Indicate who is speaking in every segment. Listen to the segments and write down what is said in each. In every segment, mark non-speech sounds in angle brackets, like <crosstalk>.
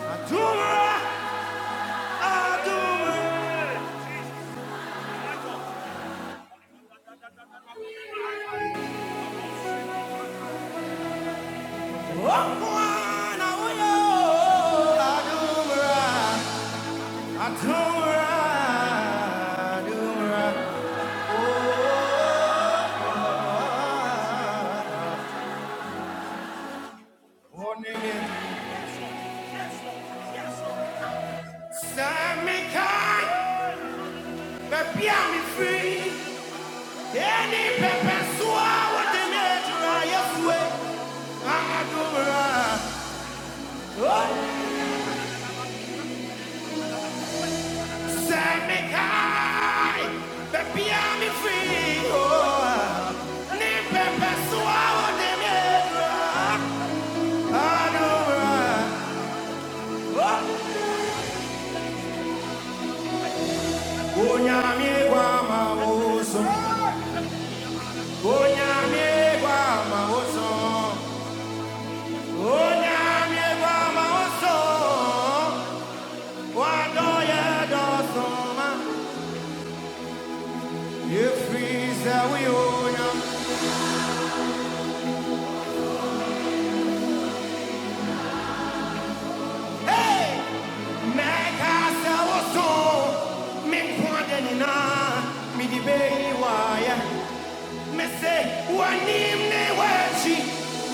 Speaker 1: Adumra, Adumra, Adumra, Set me kind, baby, i me free. Any pepper soa with the nature I swear. I'm a dora. set me kind, baby, i me free. Oh, any pepper soa with the nature I dora. Onyami gwa ma oso. Onyami gwa ma oso. Hey! Mekasa woso, menkwade nina, midibeli waya. Mese, wanim ne wachi,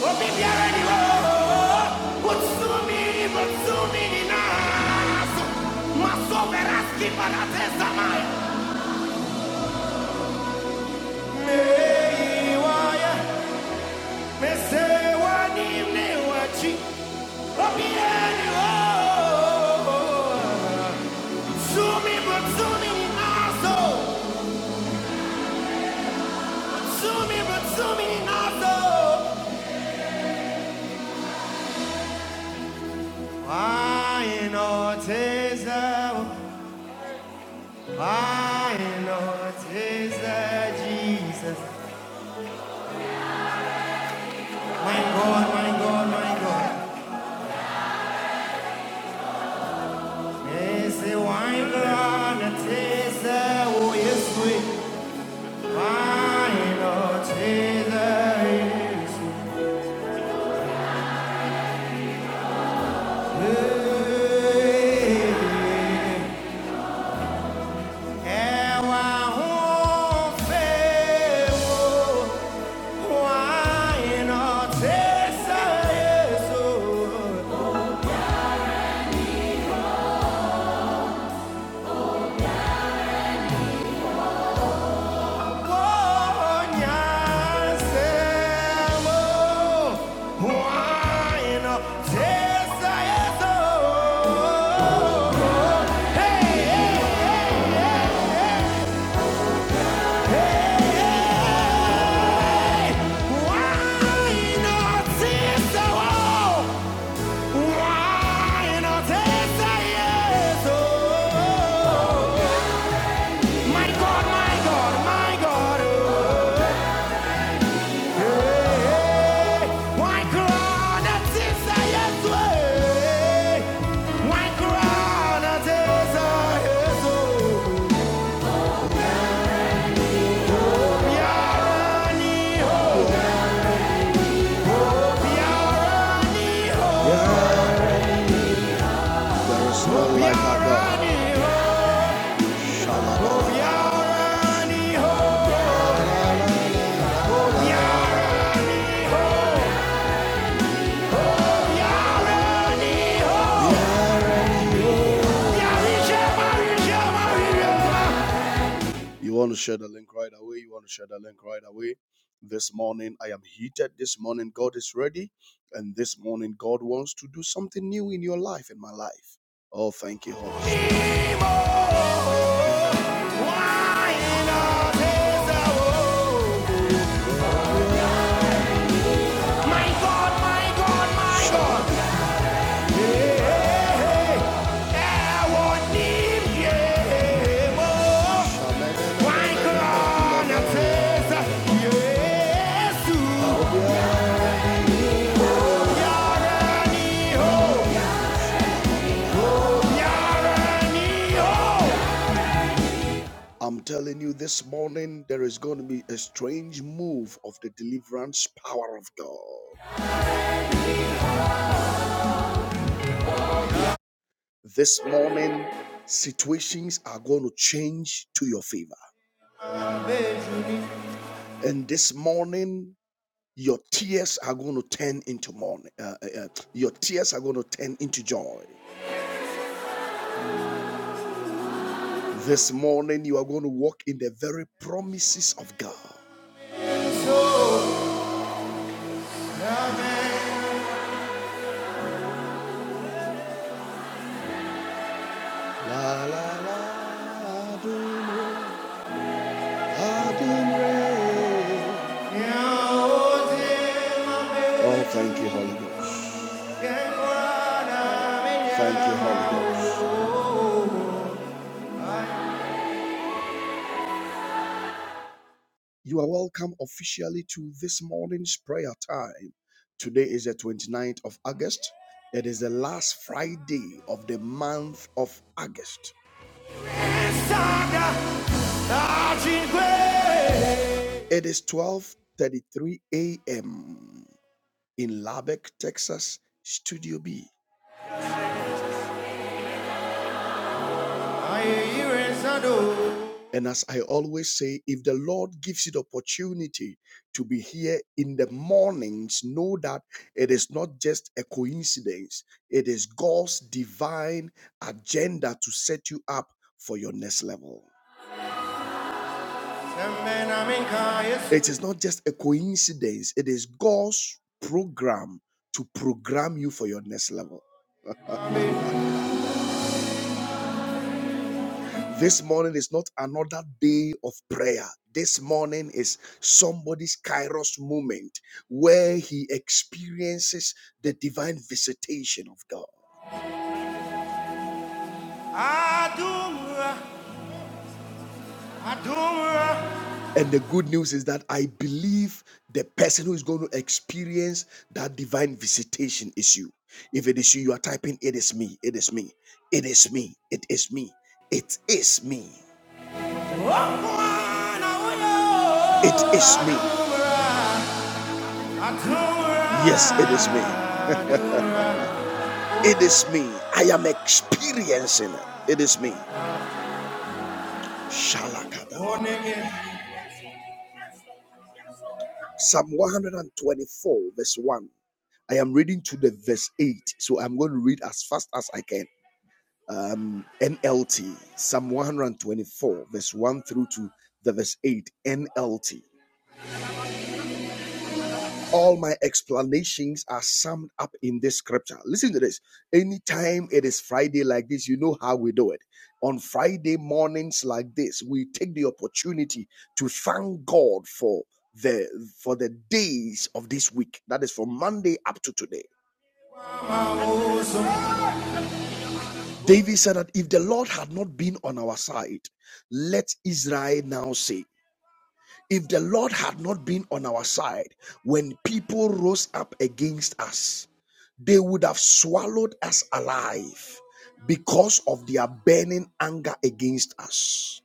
Speaker 1: obibiara ni wo. Utsumi ni butsumi ni maso beraski paratesa maya. Mei waya, Mese wani mnewachi, opieni wo. Sumi butsumi nazo, sumi butsumi nazo. Aino teza, aino teza, Jesus. My God, my God, my God. Mese wine rana teza, oh yes we. Aino teza, yes Hey, hey, hey! Why not this? Oh, oh, my God, my God, my God, oh, hey, why crown at Thessalians, hey, why crown at Thessalians, oh, Yarani, oh, Yarani, oh, Yeah, there is no life like our oh, Shalom. oh. You want to share the link right away. You want to share the link right away. This morning, I am heated. This morning, God is ready. And this morning, God wants to do something new in your life, in my life. Oh, thank you, Holy Spirit. I'm telling you this morning, there is going to be a strange move of the deliverance power of God. This morning, situations are going to change to your favor. And this morning, Your tears are going to turn into morning. Uh, uh, uh, your tears are going to turn into joy. This morning, you are going to walk in the very promises of God. La, la, la, Adonai, Adonai. Oh, thank you, Holy Ghost. Thank you, Holy Ghost. You are welcome officially to this morning's prayer time. Today is the twenty ninth of August. It is the last Friday of the month of August. It is 12:33 a.m. in Lubbock, Texas, Studio B. And as I always say, if the Lord gives you the opportunity to be here in the mornings, know that it is not just a coincidence, it is God's divine agenda to set you up for your next level. It is not just a coincidence, it is God's program to program you for your next level. <laughs> This morning is not another day of prayer. This morning is somebody's Kairos moment where he experiences the divine visitation of God. Adumra, Adumra. And the good news is that I believe the person who is going to experience that divine visitation is you. If it is you, you are typing, It is me, it is me, it is me, it is me, it is me. It is me. Yes, it is me. It is me. I am experiencing it. It is me. Shalakada. Psalm 124, verse 1. I am reading to the verse 8, so I'm going to read as fast as I can. Um, NLT, Psalm 124, verse 1 through to the verse 8, NLT. All my explanations are summed up in this scripture. Listen to this. Anytime it is Friday like this, you know how we do it. On Friday mornings like this, we take the opportunity to thank God for the for the days of this week. That is from Monday up to today. David said that if the Lord had not been on our side, let Israel now say, if the Lord had not been on our side when people rose up against us, they would have swallowed us alive because of their burning anger against us.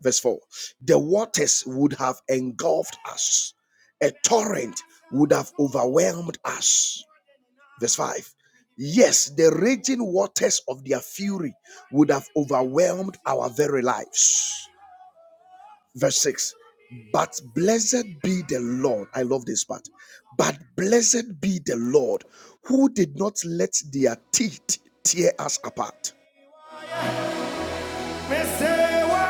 Speaker 1: Verse 4 The waters would have engulfed us, a torrent would have overwhelmed us. Verse 5 Yes, the raging waters of their fury would have overwhelmed our very lives verse 6 but blessed be the lord i love this part but blessed be the lord who did not let their teeth tear us apart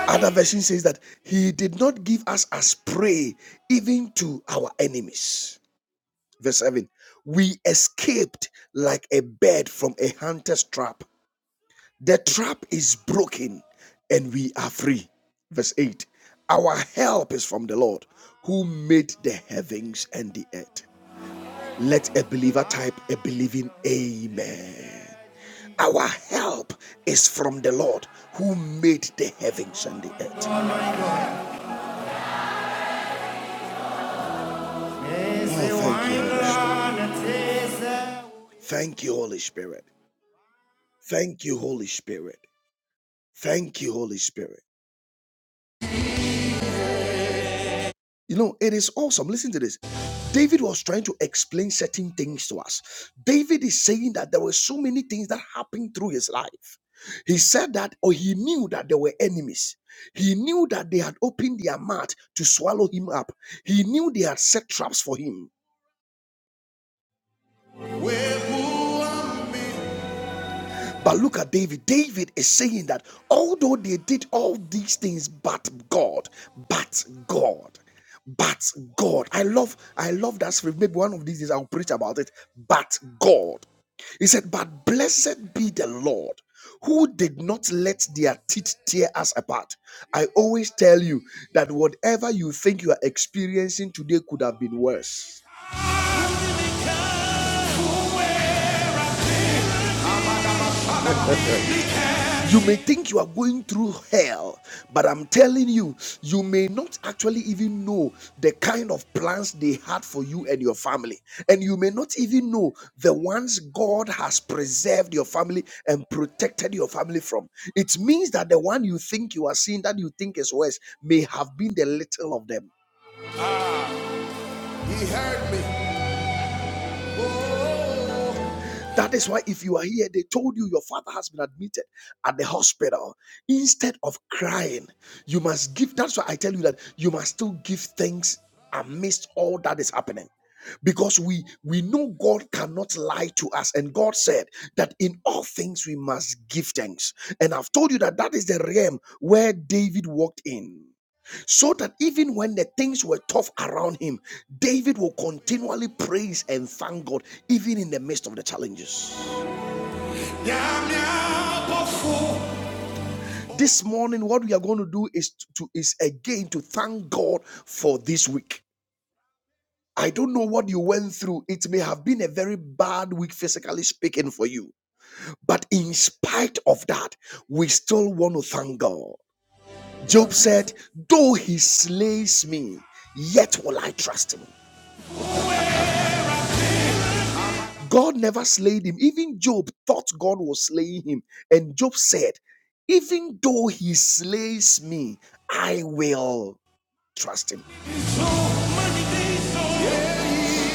Speaker 1: other version says that he did not give us as prey even to our enemies verse 7 we escaped like a bird from a hunter's trap The trap is broken and we are free. Verse 8 Our help is from the Lord who made the heavens and the earth. Let a believer type a believing Amen. Our help is from the Lord who made the heavens and the earth. Oh, thank you, Holy Spirit. Thank you, Holy Spirit. Thank you, Holy Spirit. Thank you, Holy Spirit. You know, it is awesome. Listen to this. David was trying to explain certain things to us. David is saying that there were so many things that happened through his life. He said that, or he knew that there were enemies. He knew that they had opened their mouth to swallow him up. He knew they had set traps for him. But look at David. David is saying that although they did all these things, but God, but God, but God. I love, I love that script. Maybe one of these days I'll preach about it. But God. He said, But blessed be the Lord who did not let their teeth tear us apart. I always tell you that whatever you think you are experiencing today could have been worse. <laughs> You may think you are going through hell, but I'm telling you, you may not actually even know the kind of plans they had for you and your family. And you may not even know the ones God has preserved your family and protected your family from. It means that the one you think you are seeing that you think is worse may have been the little of them. He heard me. That is why, if you are here, they told you your father has been admitted at the hospital. Instead of crying, you must give. That's why I tell you that you must still give thanks amidst all that is happening. Because we we know God cannot lie to us, and God said that in all things we must give thanks. And I've told you that that is the realm where David walked in so that even when the things were tough around him, David will continually praise and thank God, even in the midst of the challenges. This morning, what we are going to do is to is again to thank God for this week. I don't know what you went through. It may have been a very bad week, physically speaking, for you. But in spite of that, we still want to thank God. Job said, Though he slays me, yet will I trust him. God never slayed him. Even Job thought God was slaying him. And Job said, Even though he slays me, I will trust him.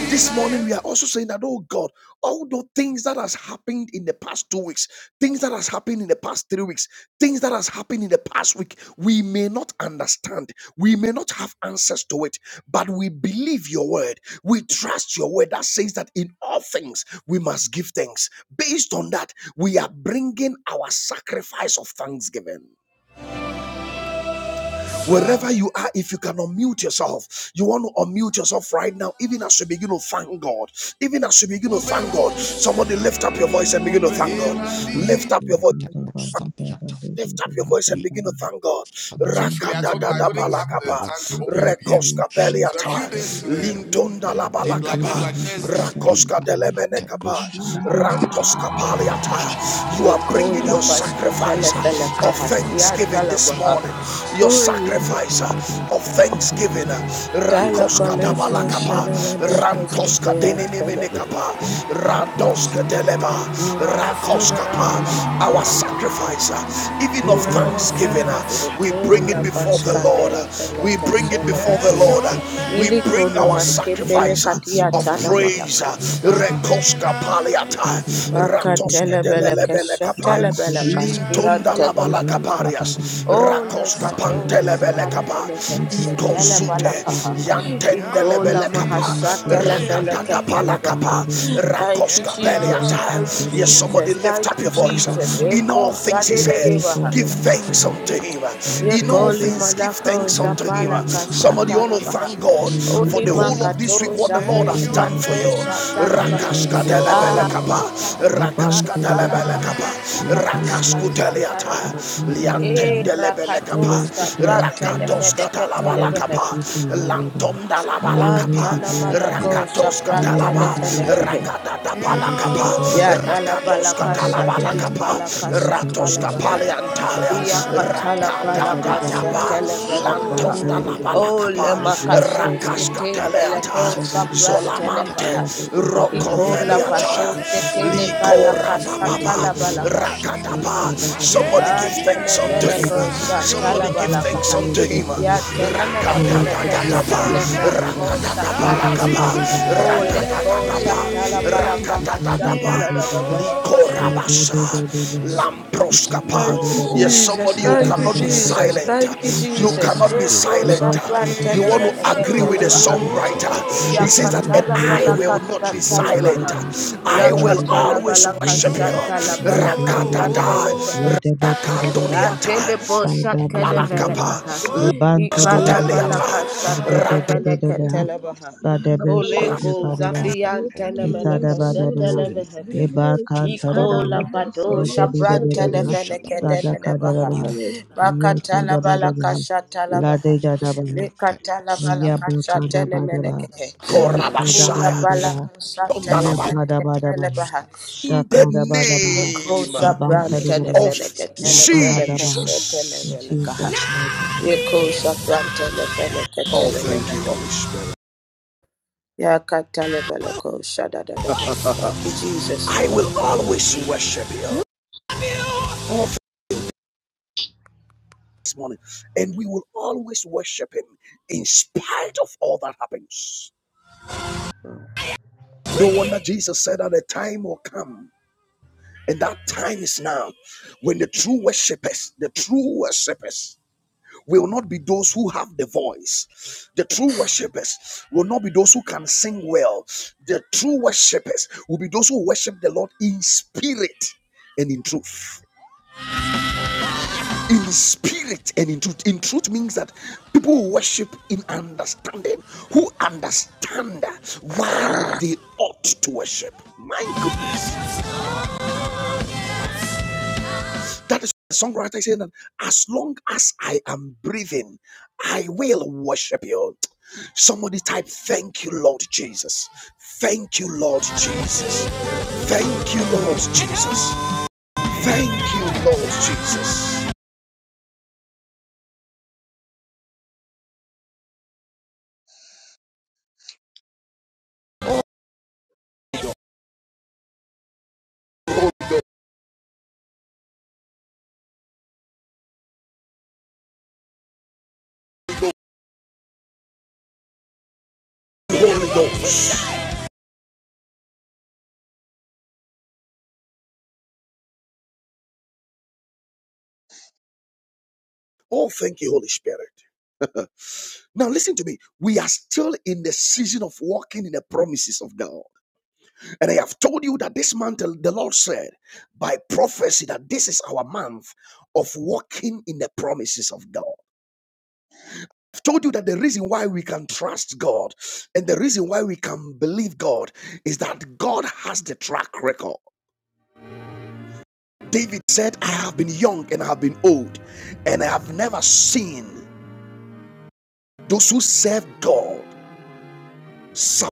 Speaker 1: This morning we are also saying that, oh God, all the things that has happened in the past two weeks, things that has happened in the past three weeks, things that has happened in the past week, we may not understand, we may not have answers to it, but we believe your word, we trust your word that says that in all things we must give thanks. Based on that, we are bringing our sacrifice of thanksgiving. Wherever you are, if you can unmute yourself, you want to unmute yourself right now, even as you begin to thank God. Even as you begin to thank God, somebody lift up your voice and begin to thank God.
Speaker 2: Thank you.
Speaker 1: Lift up your voice. and
Speaker 3: Sadiata,
Speaker 1: Lift up your voice and
Speaker 3: Dali,
Speaker 1: begin to thank God.
Speaker 3: Kadabra,
Speaker 1: Truthfully, I told him I couldn't have the
Speaker 3: Sakaba,
Speaker 1: Rakadagadapalakapa, time
Speaker 3: Irapa, Yanta, Shakaba,
Speaker 1: So rekoskapeliata, days, uh, like
Speaker 4: Jesus.
Speaker 3: Irapa, Yanta,
Speaker 1: like
Speaker 3: Satapa, Ipa, Yanta, Goshada, Ipa,
Speaker 1: rantoskapaliata. You are
Speaker 3: Shakabiatis,
Speaker 1: bringing
Speaker 5: Lekola
Speaker 1: your
Speaker 5: Bashkepele
Speaker 1: sacrifice
Speaker 3: Iposa,
Speaker 1: of
Speaker 5: Felekaha Sia
Speaker 3: Ikati,
Speaker 1: thanksgiving this
Speaker 5: Talabaha
Speaker 1: morning.
Speaker 3: Shakis,
Speaker 1: Your
Speaker 3: Irapa,
Speaker 5: Uleka
Speaker 1: sacrifice of thanksgiving.
Speaker 3: Ipaduska,
Speaker 5: Talapaleko
Speaker 1: Rakoskadabalakapa,
Speaker 3: Arasko,
Speaker 5: Shanamaneko Skepean
Speaker 3: Shakabiat,
Speaker 5: Talabaha
Speaker 1: rantoskadenenemenekapa,
Speaker 3: Irapa, Sadiata,
Speaker 1: rantoskadeleba, Rakoskapa, our sacrifice, uh, even of thanksgiving, uh, we bring
Speaker 2: Father,
Speaker 1: it
Speaker 5: Lekola
Speaker 1: before the
Speaker 2: Lord,
Speaker 5: Bashka
Speaker 1: Lord. uh,
Speaker 5: Dele
Speaker 1: We
Speaker 5: Feleke
Speaker 2: I
Speaker 1: bring it
Speaker 2: thank
Speaker 1: before
Speaker 2: you
Speaker 1: the
Speaker 5: Selebaha
Speaker 2: for your
Speaker 1: Lord. uh,
Speaker 2: faithfulness.
Speaker 1: We bring
Speaker 5: Ilikoni
Speaker 2: I
Speaker 1: our
Speaker 2: worship
Speaker 5: Maskepele
Speaker 2: your
Speaker 1: sacrifice uh,
Speaker 5: Katia
Speaker 1: of
Speaker 2: faithfulness,
Speaker 5: Tana
Speaker 2: Lord.
Speaker 1: praise. uh,
Speaker 5: Malaka
Speaker 2: And God, the hand of the hand. God,
Speaker 1: Rekoskapaliata,
Speaker 3: Ipa,
Speaker 2: the Lord,
Speaker 3: Sadiata,
Speaker 2: so the hand of the hand.
Speaker 3: Ila Adi
Speaker 1: Ratoskedelelebelekapa,
Speaker 2: Yon, so that the
Speaker 3: Koshak
Speaker 2: hand. We do,
Speaker 5: Makatelebelekeshetelebelekashkiyantelebelekaha.
Speaker 2: so God, the
Speaker 3: Palak
Speaker 1: Lintondalabalakaparias,
Speaker 2: hand.
Speaker 5: Ole
Speaker 2: We pray,
Speaker 5: kato
Speaker 2: the Lord,
Speaker 3: Savitas
Speaker 2: of the
Speaker 5: japan
Speaker 2: hand.
Speaker 1: Rakoskapantelebelekapa,
Speaker 2: We
Speaker 5: telefeleke
Speaker 2: do, the
Speaker 3: Asetla
Speaker 2: Lord, of the Lord,
Speaker 1: Ikozute,
Speaker 2: so
Speaker 5: telebalakaha.
Speaker 2: that
Speaker 3: Ila
Speaker 2: the hand. We
Speaker 5: Ikola
Speaker 2: pray,
Speaker 3: Ita
Speaker 2: the
Speaker 1: Yantendelebelekapa,
Speaker 2: Lord,
Speaker 5: mahasha
Speaker 2: so that the hand.
Speaker 3: Shayas
Speaker 5: telefeleke
Speaker 1: Rakatatabalakapa.
Speaker 2: We pray,
Speaker 5: telebaha.
Speaker 2: the
Speaker 1: Palakapa,
Speaker 2: Lord, of the Lord.
Speaker 5: Thank you,
Speaker 1: Rakoska
Speaker 2: We
Speaker 3: Ila
Speaker 5: Jesus.
Speaker 2: do,
Speaker 1: Peliata.
Speaker 2: God,
Speaker 5: Thank
Speaker 2: so
Speaker 5: you,
Speaker 2: that
Speaker 1: Yes,
Speaker 2: the
Speaker 3: Koshak
Speaker 1: somebody
Speaker 5: Jesus.
Speaker 2: hand.
Speaker 1: lift up
Speaker 5: Thank
Speaker 3: Sepa
Speaker 5: you,
Speaker 1: your
Speaker 2: We are the
Speaker 5: Jesus.
Speaker 2: Lord, of
Speaker 1: voice.
Speaker 2: the
Speaker 1: In
Speaker 2: Lord.
Speaker 1: all
Speaker 5: Eko
Speaker 1: things, he
Speaker 2: Your
Speaker 3: Ila
Speaker 1: said,
Speaker 2: grace and
Speaker 5: shadedebaha.
Speaker 3: Ita
Speaker 1: give
Speaker 2: your
Speaker 3: Tapas
Speaker 2: mercy,
Speaker 1: thanks
Speaker 2: Lord.
Speaker 1: unto him.
Speaker 2: We are the
Speaker 1: In
Speaker 2: Lord
Speaker 1: all
Speaker 5: Yekoli
Speaker 2: of the hand.
Speaker 1: things,
Speaker 3: Ila
Speaker 1: give
Speaker 5: malako
Speaker 1: thanks
Speaker 2: Yan
Speaker 1: unto him.
Speaker 2: tere
Speaker 5: japala
Speaker 2: de
Speaker 3: Shayas
Speaker 2: kade
Speaker 3: Father,
Speaker 1: Somebody
Speaker 3: I
Speaker 5: kashata
Speaker 2: de,
Speaker 1: want to
Speaker 5: labaha.
Speaker 3: thank
Speaker 1: thank
Speaker 3: you.
Speaker 1: God
Speaker 2: yan
Speaker 3: Father,
Speaker 1: for
Speaker 5: Oli
Speaker 1: the
Speaker 3: I
Speaker 2: tere de
Speaker 1: whole
Speaker 3: thank
Speaker 1: of
Speaker 2: baha,
Speaker 5: makato
Speaker 1: this week, what the
Speaker 2: yan
Speaker 1: Lord
Speaker 3: Father,
Speaker 2: de
Speaker 5: jafele
Speaker 1: has
Speaker 3: I
Speaker 2: de
Speaker 1: done
Speaker 2: de
Speaker 1: for
Speaker 2: de
Speaker 5: kato
Speaker 1: you.
Speaker 2: de,
Speaker 5: shata
Speaker 3: Father, I
Speaker 2: yan
Speaker 5: labaha.
Speaker 2: tere de
Speaker 1: Rakaska
Speaker 2: de
Speaker 3: give for the
Speaker 2: so de
Speaker 5: Ah,
Speaker 3: weak.
Speaker 1: Delebelekapa,
Speaker 2: de,
Speaker 3: Father, I
Speaker 2: yan
Speaker 5: rakashata
Speaker 2: ban
Speaker 1: Rakaska
Speaker 2: tere de
Speaker 3: thank
Speaker 5: labala
Speaker 2: de de,
Speaker 1: Delebelekapa,
Speaker 5: kashata
Speaker 3: you.
Speaker 2: yan tere de
Speaker 5: labala
Speaker 2: de
Speaker 3: Satan,
Speaker 2: de de.
Speaker 5: kashata
Speaker 1: Rakaskuteliata,
Speaker 5: labaha.
Speaker 2: I thank
Speaker 3: Ila
Speaker 2: you, Lord,
Speaker 5: E
Speaker 3: Ita
Speaker 2: for
Speaker 5: rakato
Speaker 1: Liantendelebelekapa,
Speaker 2: your
Speaker 3: Shayas
Speaker 5: shabrat
Speaker 2: supremacy,
Speaker 3: Ila
Speaker 2: Lord.
Speaker 1: Rakatoska
Speaker 3: Koshak
Speaker 5: tenefedeke
Speaker 2: I
Speaker 5: telebehe.
Speaker 2: worship
Speaker 3: Ila
Speaker 2: you for
Speaker 3: Ita
Speaker 2: your Lord.
Speaker 1: Talabalakapa, Zonda laba
Speaker 2: May
Speaker 1: la
Speaker 2: your
Speaker 3: Tapas
Speaker 2: name
Speaker 1: lakapa,
Speaker 2: be
Speaker 5: Antana
Speaker 3: Ilà
Speaker 5: manako
Speaker 2: glorified.
Speaker 1: rakatoska
Speaker 2: May
Speaker 5: shabrat
Speaker 2: your
Speaker 3: Ilapatakoyata,
Speaker 2: name
Speaker 1: talaba,
Speaker 2: be worshipped.
Speaker 5: tenefenekehe.
Speaker 3: irapa,
Speaker 1: rakata
Speaker 2: Father,
Speaker 1: tapala
Speaker 2: de
Speaker 1: kapa,
Speaker 2: de de de
Speaker 5: Ya
Speaker 3: irakatosha,
Speaker 2: de, so
Speaker 1: rakatoska
Speaker 5: dalapalaka
Speaker 3: ipate,
Speaker 2: de de
Speaker 1: talaba
Speaker 2: de de,
Speaker 1: lakapa,
Speaker 5: shatelepalaka
Speaker 2: yan tere
Speaker 3: itakoskate,
Speaker 2: de
Speaker 1: ratoska
Speaker 2: de
Speaker 5: shatalabaha.
Speaker 2: de, de de de
Speaker 1: paleantalia,
Speaker 3: irapayate,
Speaker 2: de de,
Speaker 3: iratepa,
Speaker 2: yan
Speaker 1: rakata
Speaker 2: tere
Speaker 5: Yakatalapalaka
Speaker 2: de de de
Speaker 1: tatapa,
Speaker 2: we
Speaker 3: ikatekoshatapa,
Speaker 2: can't
Speaker 5: setelefelekoha.
Speaker 2: tell
Speaker 1: lantonda
Speaker 2: you the
Speaker 1: laba
Speaker 2: one.
Speaker 5: O
Speaker 1: lakapa,
Speaker 2: We
Speaker 3: ilekotebratekosha.
Speaker 2: bless you the
Speaker 5: lemakasoske
Speaker 1: rakaska
Speaker 2: one. We pray
Speaker 1: teleata,
Speaker 5: tepeleko
Speaker 2: the Lord
Speaker 3: Ilakushadiata,
Speaker 2: the one. We
Speaker 1: zolamante,
Speaker 5: shaprantenefaha.
Speaker 2: are the
Speaker 3: Itepadiata,
Speaker 2: Lord the Lord the one.
Speaker 5: Ikola
Speaker 1: rocoveliata,
Speaker 2: So
Speaker 3: Iratikoshadapa,
Speaker 5: pasoske
Speaker 2: Father the one.
Speaker 1: liko
Speaker 3: Irapadia,
Speaker 5: telepalaka
Speaker 2: We pray the
Speaker 1: rabababa,
Speaker 2: Lord the one.
Speaker 5: satalabalakaha.
Speaker 2: We
Speaker 3: Itetakoshadapa,
Speaker 1: rakatapa.
Speaker 2: Father the Lord the
Speaker 1: Somebody
Speaker 2: one.
Speaker 1: give
Speaker 3: Iratikoshadapa,
Speaker 1: thanks
Speaker 2: We
Speaker 1: unto
Speaker 2: are the
Speaker 1: him.
Speaker 5: Antenefeneko
Speaker 2: one.
Speaker 1: Somebody
Speaker 2: We
Speaker 3: Itatakoshadia.
Speaker 1: give
Speaker 2: thank
Speaker 1: thanks
Speaker 2: you for
Speaker 1: thanks
Speaker 5: shatalabalakaha.
Speaker 3: Lord,
Speaker 2: your
Speaker 1: unto
Speaker 3: I
Speaker 1: him.
Speaker 3: thank
Speaker 5: Ya
Speaker 2: faithfulness.
Speaker 3: you.
Speaker 2: and
Speaker 3: Lord,
Speaker 2: We
Speaker 3: I thank
Speaker 2: worship
Speaker 5: tenemenefeneke
Speaker 3: you.
Speaker 2: you for your
Speaker 3: Lord, I
Speaker 2: mighty
Speaker 5: shetelefeleko
Speaker 3: thank you. Lord, I
Speaker 5: shatalabaha.
Speaker 3: thank you.
Speaker 2: name.
Speaker 5: O
Speaker 3: Lord, I
Speaker 5: leko
Speaker 3: thank you. Lord, I
Speaker 5: shatalapalaka
Speaker 2: Sada
Speaker 3: thank you.
Speaker 5: hashatalabaha.
Speaker 3: Lord, Jesus, we bless your name. We
Speaker 5: Thank
Speaker 3: give
Speaker 5: you,
Speaker 3: you
Speaker 1: Yes,
Speaker 3: thanks.
Speaker 5: Jesus.
Speaker 1: somebody, you
Speaker 5: Thank you,
Speaker 1: cannot be
Speaker 5: Jesus.
Speaker 3: Ikoshadapa,
Speaker 1: silent.
Speaker 5: Thank you,
Speaker 1: You
Speaker 3: Ikoshadapa,
Speaker 5: Jesus.
Speaker 1: cannot be
Speaker 5: Eko
Speaker 1: silent.
Speaker 3: Iratadapa.
Speaker 5: sapran
Speaker 1: You
Speaker 3: Thank
Speaker 1: want
Speaker 3: you,
Speaker 5: televen
Speaker 1: to agree
Speaker 3: Jesus.
Speaker 1: with the
Speaker 5: eketelebaha.
Speaker 3: Thank you,
Speaker 1: songwriter.
Speaker 3: Lord
Speaker 5: Iya
Speaker 1: He says
Speaker 3: Jesus.
Speaker 1: that, and
Speaker 5: katala
Speaker 3: Thank
Speaker 1: I
Speaker 3: you,
Speaker 5: shapran
Speaker 1: will
Speaker 3: Lord
Speaker 1: not
Speaker 5: telefene
Speaker 1: be
Speaker 3: Jesus.
Speaker 5: ketelebaha.
Speaker 1: silent.
Speaker 3: Thank you, Lord
Speaker 1: I
Speaker 5: Ya palaka shatalabaha.
Speaker 1: will
Speaker 3: Jesus.
Speaker 5: Yakatala
Speaker 1: always
Speaker 3: You
Speaker 5: palaka
Speaker 1: worship you.
Speaker 3: deserve
Speaker 5: shatala
Speaker 3: glory.
Speaker 5: palaka
Speaker 3: Father, I always
Speaker 5: shatelefe.
Speaker 1: Rakadada,
Speaker 3: give glory unto you.
Speaker 1: Rakatoniata,
Speaker 5: Atelepo
Speaker 3: I thank you for your
Speaker 5: shakenevelekaha.
Speaker 3: will
Speaker 1: Balakapa,
Speaker 3: of
Speaker 5: Ikala
Speaker 3: Jesus.
Speaker 5: palaka
Speaker 3: I thank you
Speaker 1: Escoteliata,
Speaker 3: for
Speaker 5: shakenevene
Speaker 3: your
Speaker 5: ketelebaha.
Speaker 3: glory.
Speaker 5: Oleko
Speaker 3: I thank
Speaker 2: Sada
Speaker 3: you for
Speaker 5: zafiyan
Speaker 3: your will
Speaker 5: tenemene
Speaker 3: for us
Speaker 2: Itadabadabaha,
Speaker 3: in
Speaker 5: kesetelevehe.
Speaker 3: the name of Jesus.
Speaker 5: Ikola
Speaker 2: Lebakantadadabaha,
Speaker 5: pato
Speaker 3: Irati ante
Speaker 5: shabranta
Speaker 3: ko
Speaker 2: Lebedebedebedeba,
Speaker 5: nefene
Speaker 3: shadaba.
Speaker 5: kedele nebaha.
Speaker 2: Sadakadadabaha,
Speaker 3: Irati ko
Speaker 5: Bakata
Speaker 3: shadaba.
Speaker 5: la balaka
Speaker 2: Yakadabadabaha,
Speaker 5: shata la baha.
Speaker 3: Rapapias,
Speaker 2: Ladedadabaha,
Speaker 3: Irate,
Speaker 5: Lekata la balaka
Speaker 3: Sadiates,
Speaker 5: shata
Speaker 3: Ipapias,
Speaker 2: Yabakadabadabaha,
Speaker 5: nemenekehe.
Speaker 3: Irapapias,
Speaker 5: Ikola
Speaker 1: Rakorakorabashaya,
Speaker 2: Yakadabadabaha,
Speaker 5: balaka shata
Speaker 3: Irapapias,
Speaker 1: Tondalaba.
Speaker 5: nefene kedele
Speaker 2: Yabadabadabaha,
Speaker 5: baha.
Speaker 3: Ikatekoska,
Speaker 1: In the
Speaker 2: Shakadabadabaha,
Speaker 5: Liko
Speaker 3: Ipakakas,
Speaker 1: name
Speaker 3: in the
Speaker 1: of
Speaker 5: shabranta
Speaker 3: name of
Speaker 2: Lebantadadabaha,
Speaker 5: nefene
Speaker 3: Jesus.
Speaker 5: kedele bele
Speaker 2: Yabahadabaha.
Speaker 5: keshete
Speaker 2: In
Speaker 1: Jesus.
Speaker 5: nebele kaha.
Speaker 2: Jesus' mighty name.
Speaker 5: Iko shabranta nefene
Speaker 1: Oh,
Speaker 5: kedele
Speaker 1: thank
Speaker 5: bele
Speaker 1: you, Holy
Speaker 5: kaha.
Speaker 1: Spirit.
Speaker 5: Yakata le bele ko shada da da baha. Thank you, Jesus.
Speaker 1: I will always worship you. Oh, this morning. And we will always worship him in spite of all that happens. No wonder Jesus said that the time will come And that time is now when the true worshippers, the true worshippers, will not be those who have the voice. The true worshippers will not be those who can sing well. The true worshippers will be those who worship the Lord in spirit and in truth in spirit and in truth. In truth means that people who worship in understanding, who understand why they ought to worship. My goodness. That is the songwriter saying that as long as I am breathing, I will worship you. Somebody type, Thank you, Lord Jesus. Thank you, Lord Jesus. Thank you, Lord Jesus. Thank you, Lord Jesus. Holy Ghost. Oh, thank you, Holy Spirit. <laughs> now, listen to me. We are still in the season of walking in the promises of God. And I have told you that this month, the Lord said by prophecy that this is our month of walking in the promises of God. I've told you that the reason why we can trust God and the reason why we can believe God is that God has the track record. David said, I have been young and I have been old, and I have never seen. Those who serve God suffer,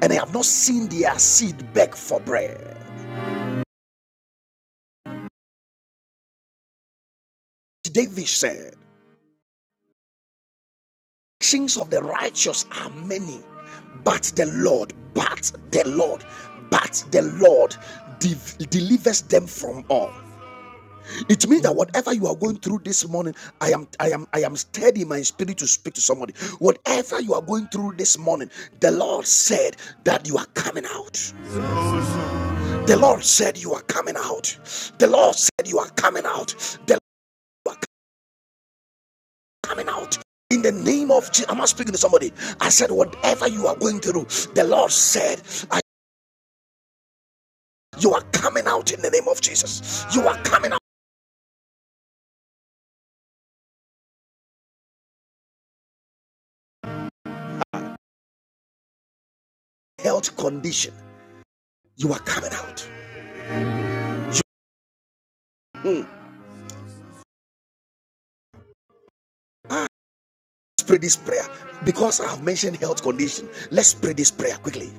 Speaker 1: and I have not seen their seed beg for bread. David said, Actions of the righteous are many, but the Lord, but the Lord, but the Lord de- delivers them from all. It means that whatever you are going through this morning, I am I am I am stirred in my spirit to speak to somebody. Whatever you are going through this morning, the Lord said that you are coming out. The Lord said you are coming out. The Lord said you are coming out. The Lord you are coming out. In the name of Jesus, am I speaking to somebody? I said, whatever you are going through, the Lord said, you are coming out in the name of Jesus. You are coming out. Health condition, you are coming out. Mm. pray this prayer because I have mentioned health condition. Let's pray this prayer quickly.